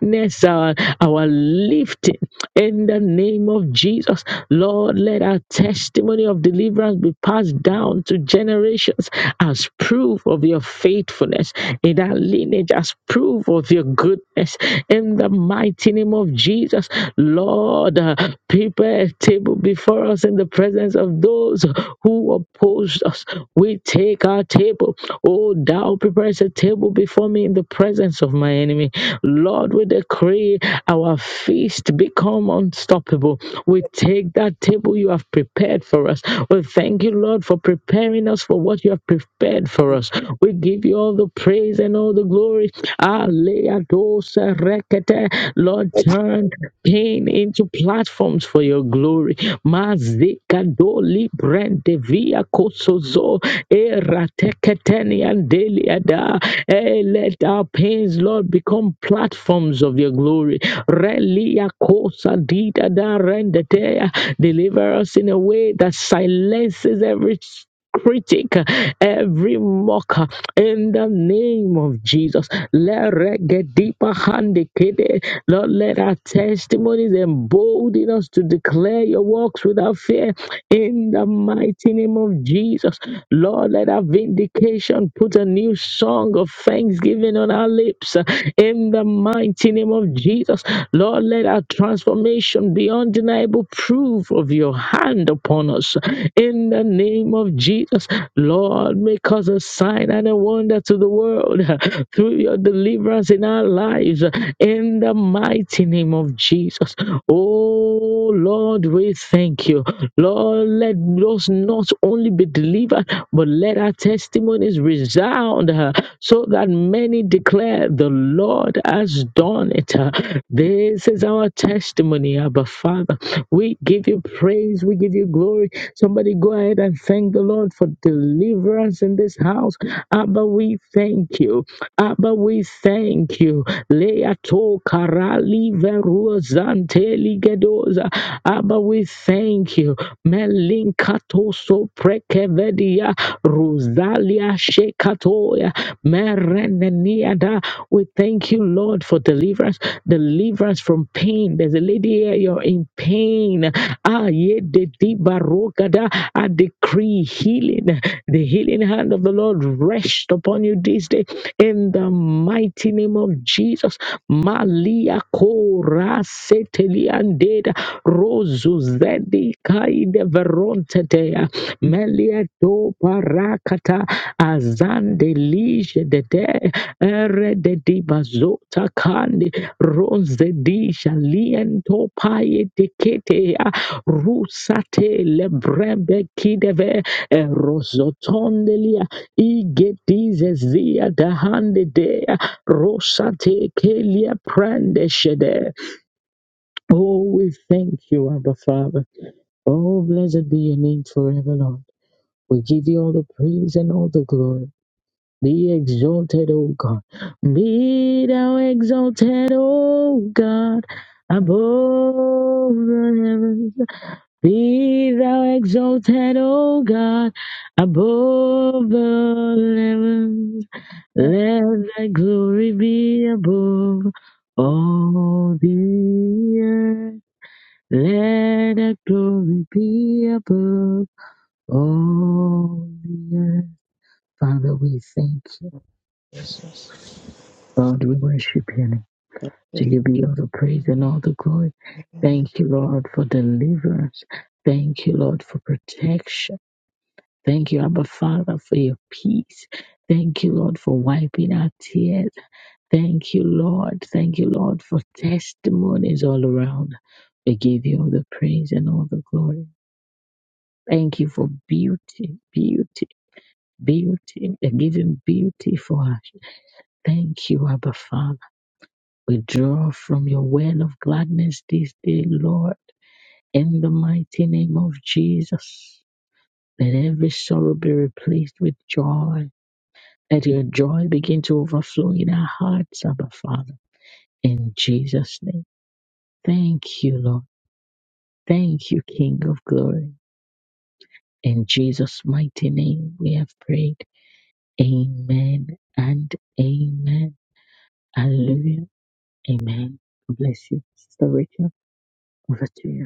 [SPEAKER 1] witness our, our lifting in the name of Jesus, Lord, let our testimony of deliverance be passed down to generations as proof of your faithfulness in our lineage, as proof of your goodness. In the mighty name of Jesus, Lord, uh, prepare a table before us in the presence of those who opposed us. We take our table. Oh, thou preparest a table before me in the presence of my enemy. Lord, we decree our feast become unstoppable. We take that table you have prepared for us. We thank you, Lord, for preparing us for what you have prepared for us. We give you all the praise and all the glory. Aleadosa rekete. Lord, turn pain into platforms for your glory. Mazikadoli brende via kosozo erateketeni andeliada. Eh, Let our pains, Lord, become become platforms of your glory. Relia kosa dida da rendetea. Deliver us in a way that silences every critic, every mocker, in the name of Jesus. Let regedipa hande kede. Lord, let our testimonies embolden us to declare your works without fear in the mighty name of Jesus. Lord, let our vindication put a new song of thanksgiving thanksgiving on our lips uh, in the mighty name of Jesus. Lord, let our transformation be undeniable proof of your hand upon us in the name of Jesus. Lord, make us a sign and a wonder to the world uh, through your deliverance in our lives uh, in the mighty name of Jesus. Oh Lord, we thank you. Lord, let us not only be delivered, but let our testimonies resound uh, so that many declare the Lord has done it. uh. This is our testimony, Abba Father. We give you praise, we give you glory. Somebody go ahead and thank the Lord for deliverance in this house. Abba, we thank you. Abba, we thank you. Leato karali verua zanteli gedoza. Abba, we thank you. Melinkato so prekevedia. Rosalia Shekatoya Mereneniada. We thank you, Lord, for deliverance, deliverance from pain. There's a lady here, you're in pain. Ah, ye de di barokada. I decree healing. The healing hand of the Lord rest upon you this day in the mighty name of Jesus. Malia Kora Seteliandeda Rosu Zedi Kaide Verontetea. Melieto parakata azande lige de de ere de di bazota kandi ronze di shaliento paye de kete ya rusate le brembe kideve rozotondelia ige dize zia da hande de rosate kelia prende shede. Oh, we thank you, Abba Father. Oh, blessed be your name forever, Lord. We give you all the praise and all the glory. Be exalted, O God. Be thou exalted, O God, above the heavens. Be thou exalted, O God, above the heavens. Let thy glory be above all the earth. Let thy glory be above all the earth. Father, we thank you. Lord, we worship you. name. To you be all the praise and all the glory. Thank you, Lord, for deliverance. Thank you, Lord, for protection. Thank you, Abba Father, for your peace. Thank you, Lord, for wiping our tears. Thank you, Lord. Thank you, Lord, for testimonies all around. We give you all the praise and all the glory. Thank you for beauty, beauty, beauty, the giving beauty for us. Thank you, Abba Father. Withdraw from your well of gladness this day, Lord, in the mighty name of Jesus. Let every sorrow be replaced with joy. Let your joy begin to overflow in our hearts, Abba Father. In Jesus' name. Thank you, Lord. Thank you, King of glory. In Jesus' mighty name we have prayed. Amen and amen. Hallelujah. Amen. God Bless you. Sister Rachel, over to you.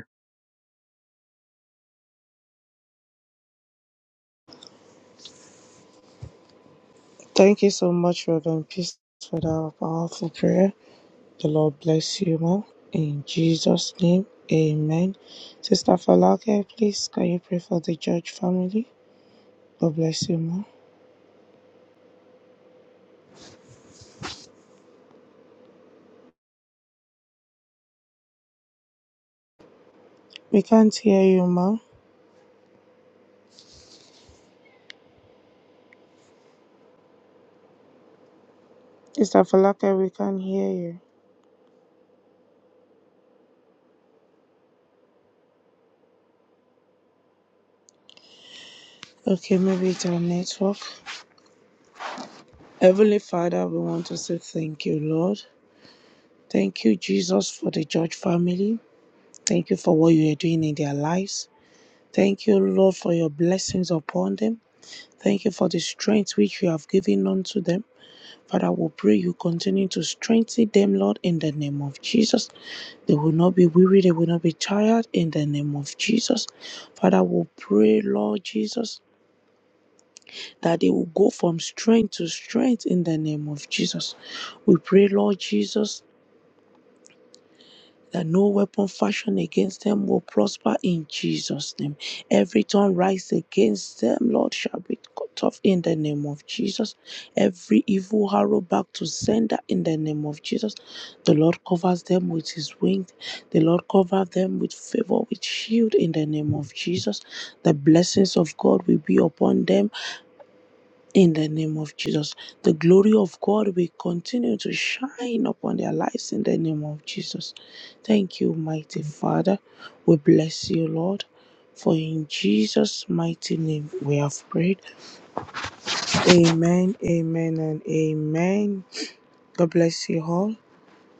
[SPEAKER 2] Thank you so much, Reverend Peace, for that powerful prayer. The Lord bless you, ma. In Jesus' name, amen. Sister Falake, please, can you pray for the George family? God bless you, ma. We can't hear you, ma. Sister Falake, we can't hear you. Okay, maybe it's our network. Heavenly Father, we want to say thank you, Lord. Thank you, Jesus, for the George family. Thank you for what you are doing in their lives. Thank you, Lord, for your blessings upon them. Thank you for the strength which you have given unto them. Father, we pray you continue to strengthen them, Lord, in the name of Jesus. They will not be weary, they will not be tired in the name of Jesus. Father, we pray, Lord Jesus, that they will go from strength to strength in the name of Jesus. We pray, Lord Jesus, that no weapon fashioned against them will prosper in Jesus' name. Every tongue rise against them, Lord, shall be cut off in the name of Jesus. Every evil arrow back to sender in the name of Jesus. The Lord covers them with his wings. The Lord covers them with favor, with shield in the name of Jesus. The blessings of God will be upon them in the name of Jesus, the glory of God will continue to shine upon their lives in the name of Jesus. Thank you, mighty Father. We bless you, Lord. For in Jesus' mighty name we have prayed. Amen, amen, and amen. God bless you all.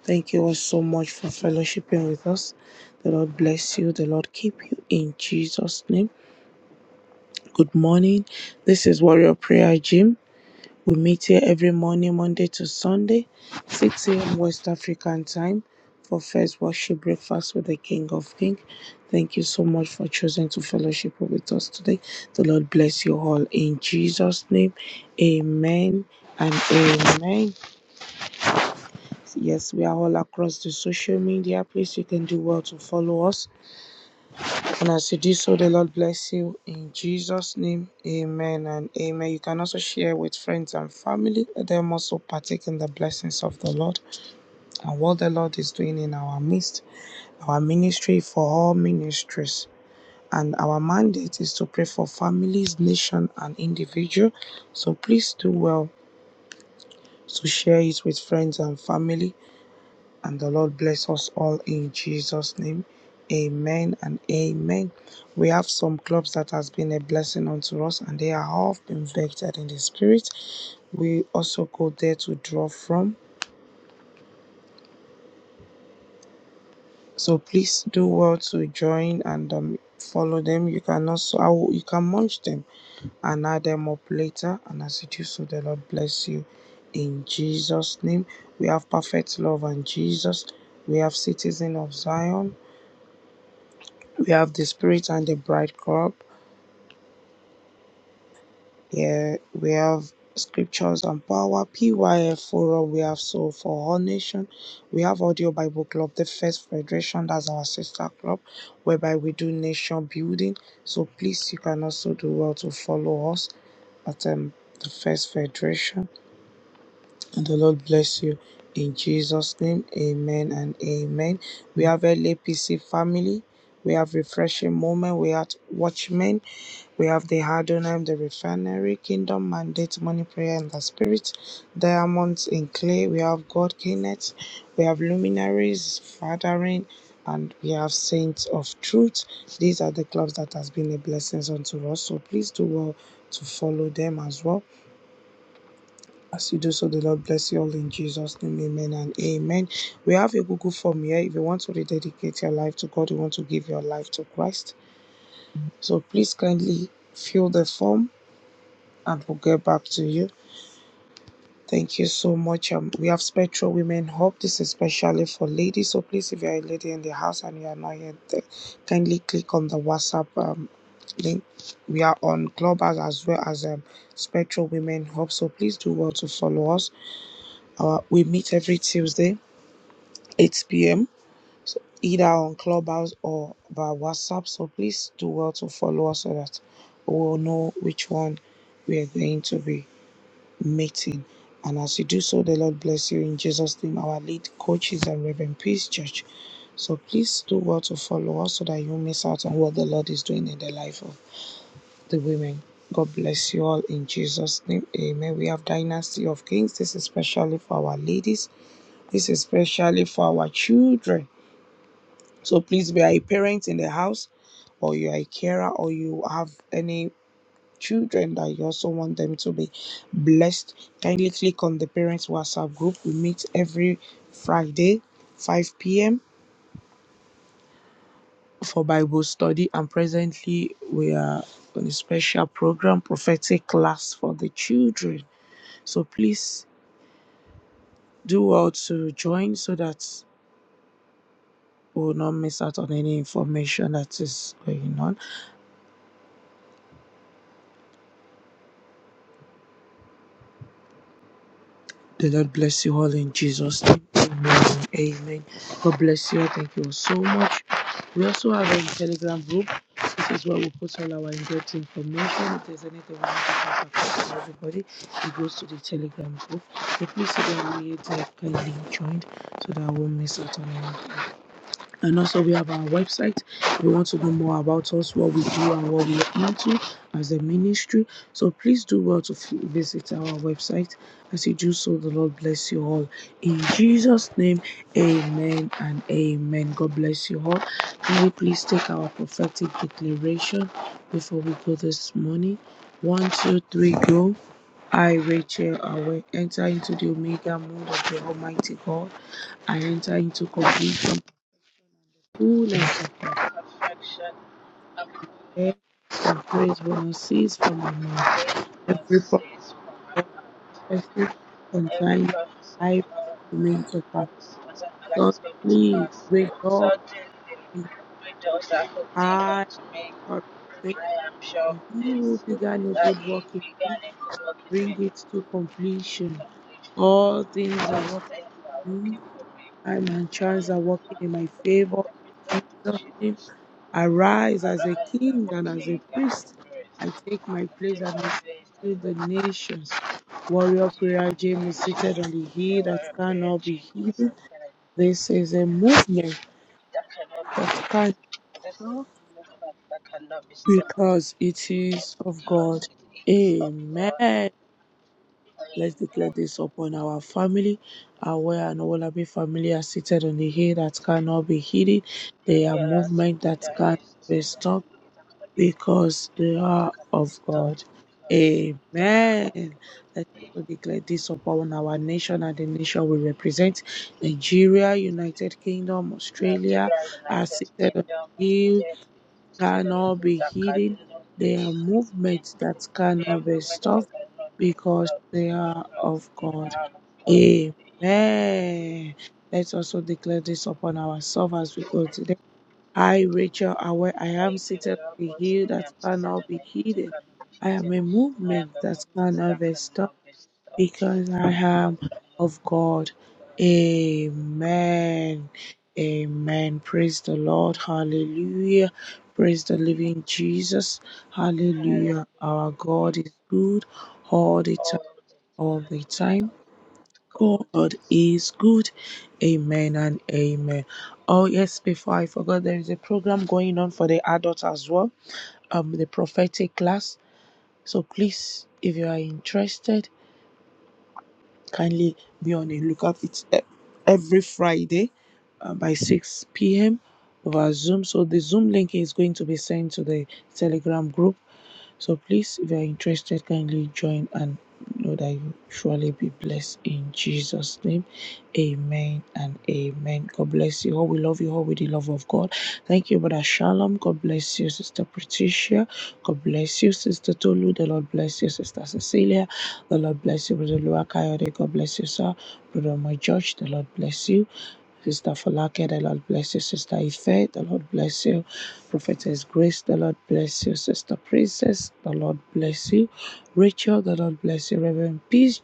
[SPEAKER 2] Thank you all so much for fellowshipping with us. The Lord bless you. The Lord keep you in Jesus' name. Good morning. This is Warrior Prayer Gym. We meet here every morning, Monday to Sunday, 6 a.m. West African time for first worship breakfast with the King of Kings. Thank you so much for choosing to fellowship with us today. The Lord bless you all in Jesus' name. Amen and amen. Yes, we are all across the social media. Please, you can do well to follow us and as you do so, the Lord bless you in Jesus' name. Amen and amen. You can also share with friends and family. Let them also partake in the blessings of the Lord and what the Lord is doing in our midst, our ministry for all ministries. And our mandate is to pray for families, nation, and individual. So please do well to share it with friends and family and the Lord bless us all in Jesus' name. Amen and amen. We have some clubs that has been a blessing unto us, and they are all been vectored in the spirit. We also go there to draw from. So please do well to join and um, follow them. You can also I will- you can munch them and add them up later. And as you do so, the Lord bless you in Jesus' name. We have perfect love and Jesus. We have citizen of Zion. We have the Spirit and the Bride Club. Yeah, we have Scriptures and Power, PYF Forum, we have Soul for All Nation, we have Audio Bible Club, the First Federation, that's our sister club, whereby we do nation building. So please, you can also do well to follow us at um, the First Federation. And the Lord bless you in Jesus' name. Amen and amen. We have LAPC family, we have Refreshing Moment, we have Watchmen. We have the Adonai, the Refinery, Kingdom Mandate, Money Prayer in the Spirit, Diamonds in Clay. We have God Kenneth. We have Luminaries, Fathering, and we have Saints of Truth. These are the clubs that has been a blessing unto us. So please do well to follow them as well. As you do so, the Lord bless you all in Jesus' name. Amen and amen. We have a Google form here. If you want to rededicate your life to God, you want to give your life to Christ. So please kindly fill the form and we'll get back to you. Thank you so much. Um, we have Spectral Women Hub. This is especially for ladies. So please, if you're a lady in the house and you are not yet there, kindly click on the WhatsApp um, link. We are on Clubhouse as well as um, Spectral Women Hub. So please do well to follow us. Uh, we meet every Tuesday, 8 p.m. So either on Clubhouse or by WhatsApp. So please do well to follow us so that we will know which one we are going to be meeting. And as you do so, the Lord bless you in Jesus' name. Our lead coaches and Reverend Peace Church. So please do well to follow us so that you miss out on what the Lord is doing in the life of the women. God bless you all in Jesus' name. Amen. We have Dynasty of Kings. This is especially for our ladies. This is especially for our children. So please be a parent in the house or you are a carer or you have any children that you also want them to be blessed, kindly click on the Parents WhatsApp group. We meet every Friday, 5 p.m. for Bible study, and presently we are on a special program, prophetic class for the children. So please do well to join so that we will not miss out on any information that is going on. The Lord bless you all in Jesus' name. Amen. and Amen. God bless you all. Thank you all so much. We also have a Telegram group. This is where we put all our in-depth information. If there's anything we need to contact us with everybody, it goes to the Telegram group. So please see that we kindly joined so that we won't miss out on anything. And also, we have our website. If you want to know more about us, what we do, and what we are into as a ministry, so please do well to visit our website. As you do so, the Lord bless you all. In Jesus' name, amen and amen. God bless you all. Can we please take our prophetic declaration before we go this morning? One, two, three, go. I, Rachel, I will enter into the Omega mode of the Almighty God. I enter into completion who shall compare
[SPEAKER 3] affection
[SPEAKER 2] the praise we will cease from my
[SPEAKER 3] and
[SPEAKER 2] mouth?
[SPEAKER 3] faith
[SPEAKER 2] Every
[SPEAKER 3] must
[SPEAKER 2] promise,
[SPEAKER 3] cease from my heart.
[SPEAKER 2] every
[SPEAKER 3] Every
[SPEAKER 2] concerning
[SPEAKER 3] promise
[SPEAKER 2] my life
[SPEAKER 3] of
[SPEAKER 2] is
[SPEAKER 3] God,
[SPEAKER 2] coming to pass.
[SPEAKER 3] promise doesn't allow His baby to
[SPEAKER 2] Suddenly,
[SPEAKER 3] pass.
[SPEAKER 2] great God,
[SPEAKER 3] Suddenly,
[SPEAKER 2] in the
[SPEAKER 3] my doors are opening
[SPEAKER 2] eye
[SPEAKER 3] unto me.
[SPEAKER 2] of faith,
[SPEAKER 3] I am sure of
[SPEAKER 2] and he who
[SPEAKER 3] this,
[SPEAKER 2] began a
[SPEAKER 3] that
[SPEAKER 2] good
[SPEAKER 3] He
[SPEAKER 2] work in me,
[SPEAKER 3] began a good work in
[SPEAKER 2] bring
[SPEAKER 3] me.
[SPEAKER 2] it to
[SPEAKER 3] He will
[SPEAKER 2] completion.
[SPEAKER 3] complete
[SPEAKER 2] All things
[SPEAKER 3] All
[SPEAKER 2] are
[SPEAKER 3] things that are
[SPEAKER 2] working.
[SPEAKER 3] working for me.
[SPEAKER 2] Time and
[SPEAKER 3] I
[SPEAKER 2] chance
[SPEAKER 3] am
[SPEAKER 2] are working
[SPEAKER 3] not
[SPEAKER 2] in my
[SPEAKER 3] working in
[SPEAKER 2] favor
[SPEAKER 3] every
[SPEAKER 2] in
[SPEAKER 3] word of
[SPEAKER 2] Jesus' name.
[SPEAKER 3] Jesus.
[SPEAKER 2] Arise as a
[SPEAKER 3] Arise, I
[SPEAKER 2] king
[SPEAKER 3] am a
[SPEAKER 2] and as a
[SPEAKER 3] King, and
[SPEAKER 2] priest.
[SPEAKER 3] I praise.
[SPEAKER 2] I take my
[SPEAKER 3] I
[SPEAKER 2] place
[SPEAKER 3] take
[SPEAKER 2] and
[SPEAKER 3] my
[SPEAKER 2] I
[SPEAKER 3] place as
[SPEAKER 2] heal
[SPEAKER 3] a
[SPEAKER 2] the nations. Warrior
[SPEAKER 3] huge
[SPEAKER 2] Prayer James is
[SPEAKER 3] nation.
[SPEAKER 2] seated on the
[SPEAKER 3] They
[SPEAKER 2] hill that
[SPEAKER 3] were a prayer
[SPEAKER 2] cannot be
[SPEAKER 3] gym
[SPEAKER 2] hidden. This is a movement
[SPEAKER 3] that cannot be
[SPEAKER 2] that
[SPEAKER 3] hidden.
[SPEAKER 2] cannot
[SPEAKER 3] This is
[SPEAKER 2] stop
[SPEAKER 3] movement that cannot be stopped
[SPEAKER 2] because it is of God.
[SPEAKER 3] because it is of God.
[SPEAKER 2] Amen. Let's declare
[SPEAKER 3] Amen.
[SPEAKER 2] this upon our family. Aware and Olabi family are seated on the hill that cannot be hidden. They are
[SPEAKER 3] Gabriela
[SPEAKER 2] movement that
[SPEAKER 3] secondary
[SPEAKER 2] can be
[SPEAKER 3] resistance that
[SPEAKER 2] stopped
[SPEAKER 3] cannot
[SPEAKER 2] because they are
[SPEAKER 3] be
[SPEAKER 2] of God.
[SPEAKER 3] stopped because they are of
[SPEAKER 2] Amen. Let's
[SPEAKER 3] God.
[SPEAKER 2] also declare this upon our nation and the nation we represent. Nigeria, United Kingdom, Australia
[SPEAKER 3] Nigeria,
[SPEAKER 2] are
[SPEAKER 3] United
[SPEAKER 2] seated on
[SPEAKER 3] Kingdom,
[SPEAKER 2] the hill
[SPEAKER 3] State, State and
[SPEAKER 2] cannot be
[SPEAKER 3] States, I
[SPEAKER 2] hidden.
[SPEAKER 3] cannot be
[SPEAKER 2] They are
[SPEAKER 3] shielded.
[SPEAKER 2] movements that
[SPEAKER 3] The
[SPEAKER 2] cannot be
[SPEAKER 3] moment I
[SPEAKER 2] stopped
[SPEAKER 3] cannot be
[SPEAKER 2] because
[SPEAKER 3] stopped
[SPEAKER 2] they are
[SPEAKER 3] because
[SPEAKER 2] of
[SPEAKER 3] they
[SPEAKER 2] God.
[SPEAKER 3] are of the
[SPEAKER 2] Amen. Let's also declare this upon ourselves as we go today. I, Rachel, are where I am
[SPEAKER 3] I
[SPEAKER 2] seated on
[SPEAKER 3] feel
[SPEAKER 2] the
[SPEAKER 3] was
[SPEAKER 2] hill
[SPEAKER 3] the me.
[SPEAKER 2] that
[SPEAKER 3] I'm seated
[SPEAKER 2] cannot
[SPEAKER 3] and
[SPEAKER 2] be
[SPEAKER 3] I
[SPEAKER 2] hidden.
[SPEAKER 3] cannot be
[SPEAKER 2] I am
[SPEAKER 3] hidden.
[SPEAKER 2] a
[SPEAKER 3] I am
[SPEAKER 2] movement
[SPEAKER 3] a
[SPEAKER 2] that
[SPEAKER 3] movement
[SPEAKER 2] cannot
[SPEAKER 3] that
[SPEAKER 2] be stopped
[SPEAKER 3] cannot be stopped
[SPEAKER 2] because I am
[SPEAKER 3] because I
[SPEAKER 2] of
[SPEAKER 3] am of
[SPEAKER 2] God.
[SPEAKER 3] God.
[SPEAKER 2] Amen. Amen. Praise the Lord. Hallelujah. Praise the living Jesus. Hallelujah. Our
[SPEAKER 3] Hallelujah.
[SPEAKER 2] God is good all the
[SPEAKER 3] all
[SPEAKER 2] time.
[SPEAKER 3] the time.
[SPEAKER 2] All the time.
[SPEAKER 3] And God
[SPEAKER 2] God
[SPEAKER 3] is
[SPEAKER 2] is
[SPEAKER 3] good.
[SPEAKER 2] good. Amen and amen. Oh, yes, before I forgot, there is a program going on for the adults as well. Um, the prophetic class. So please, if you are interested, Kindly be on the lookout. It's e- every Friday uh, by 6 p.m. over Zoom. So the Zoom link is going to be sent to the Telegram group so please, if you are interested, kindly join and know that you surely be blessed in Jesus' name. Amen and amen. God bless you all. We love you all with the love of God. Thank you, Brother Shalom. God bless you, Sister Patricia. God bless you, Sister Tolu. The Lord bless you, Sister Cecilia. The Lord bless you, Brother Luakayode. God bless you, sir. Brother my George. The Lord bless you. Sister Falake, the Lord bless you. Sister Ife, the Lord bless you. Prophetess Grace, the Lord bless you. Sister Princess, the Lord bless you. Rachel, the Lord bless you. Reverend Peace,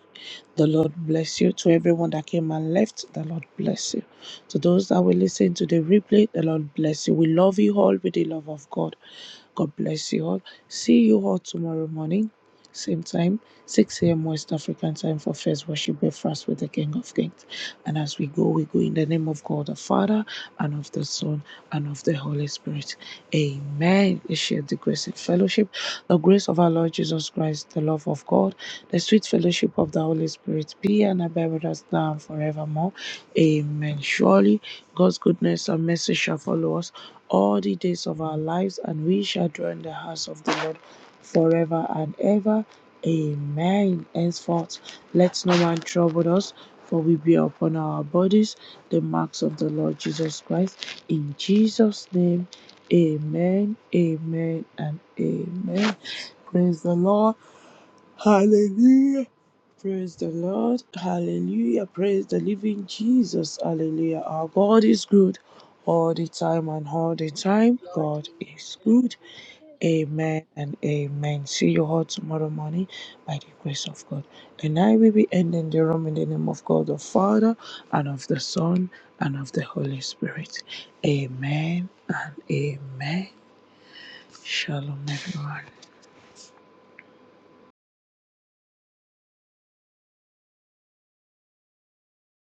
[SPEAKER 2] the Lord bless you. To everyone that came and left, the Lord bless you. To those that will listen to the replay, the Lord bless you. We love you all with the love of God. God bless you all. See you all tomorrow morning, same time, 6 a.m. West African time for first worship breakfast with the King of Kings. And as we go, we go in the name of God the Father and of the Son and of the Holy Spirit. Amen. We share the grace and fellowship, the grace of our Lord Jesus Christ, the love of God, the sweet fellowship of the Holy Spirit be and abide with us now and forevermore. Amen. Surely God's goodness and mercy shall follow us all the days of our lives, and we shall dwell in the house of the Lord forever and ever. Amen. Henceforth, let no man trouble us, for we bear upon our bodies the marks of the Lord Jesus Christ. In Jesus' name, amen, amen, and amen. Praise the Lord. Hallelujah. Praise the Lord. Hallelujah. Praise the living Jesus. Hallelujah. Our God is good all the time and all the time.
[SPEAKER 3] God
[SPEAKER 2] God
[SPEAKER 3] is
[SPEAKER 2] is good.
[SPEAKER 3] good.
[SPEAKER 2] Amen and amen. See you all tomorrow morning by the grace of God. And I will be ending the room in the name of God the Father and of the Son and of the Holy Spirit. Amen and amen. Shalom, everyone.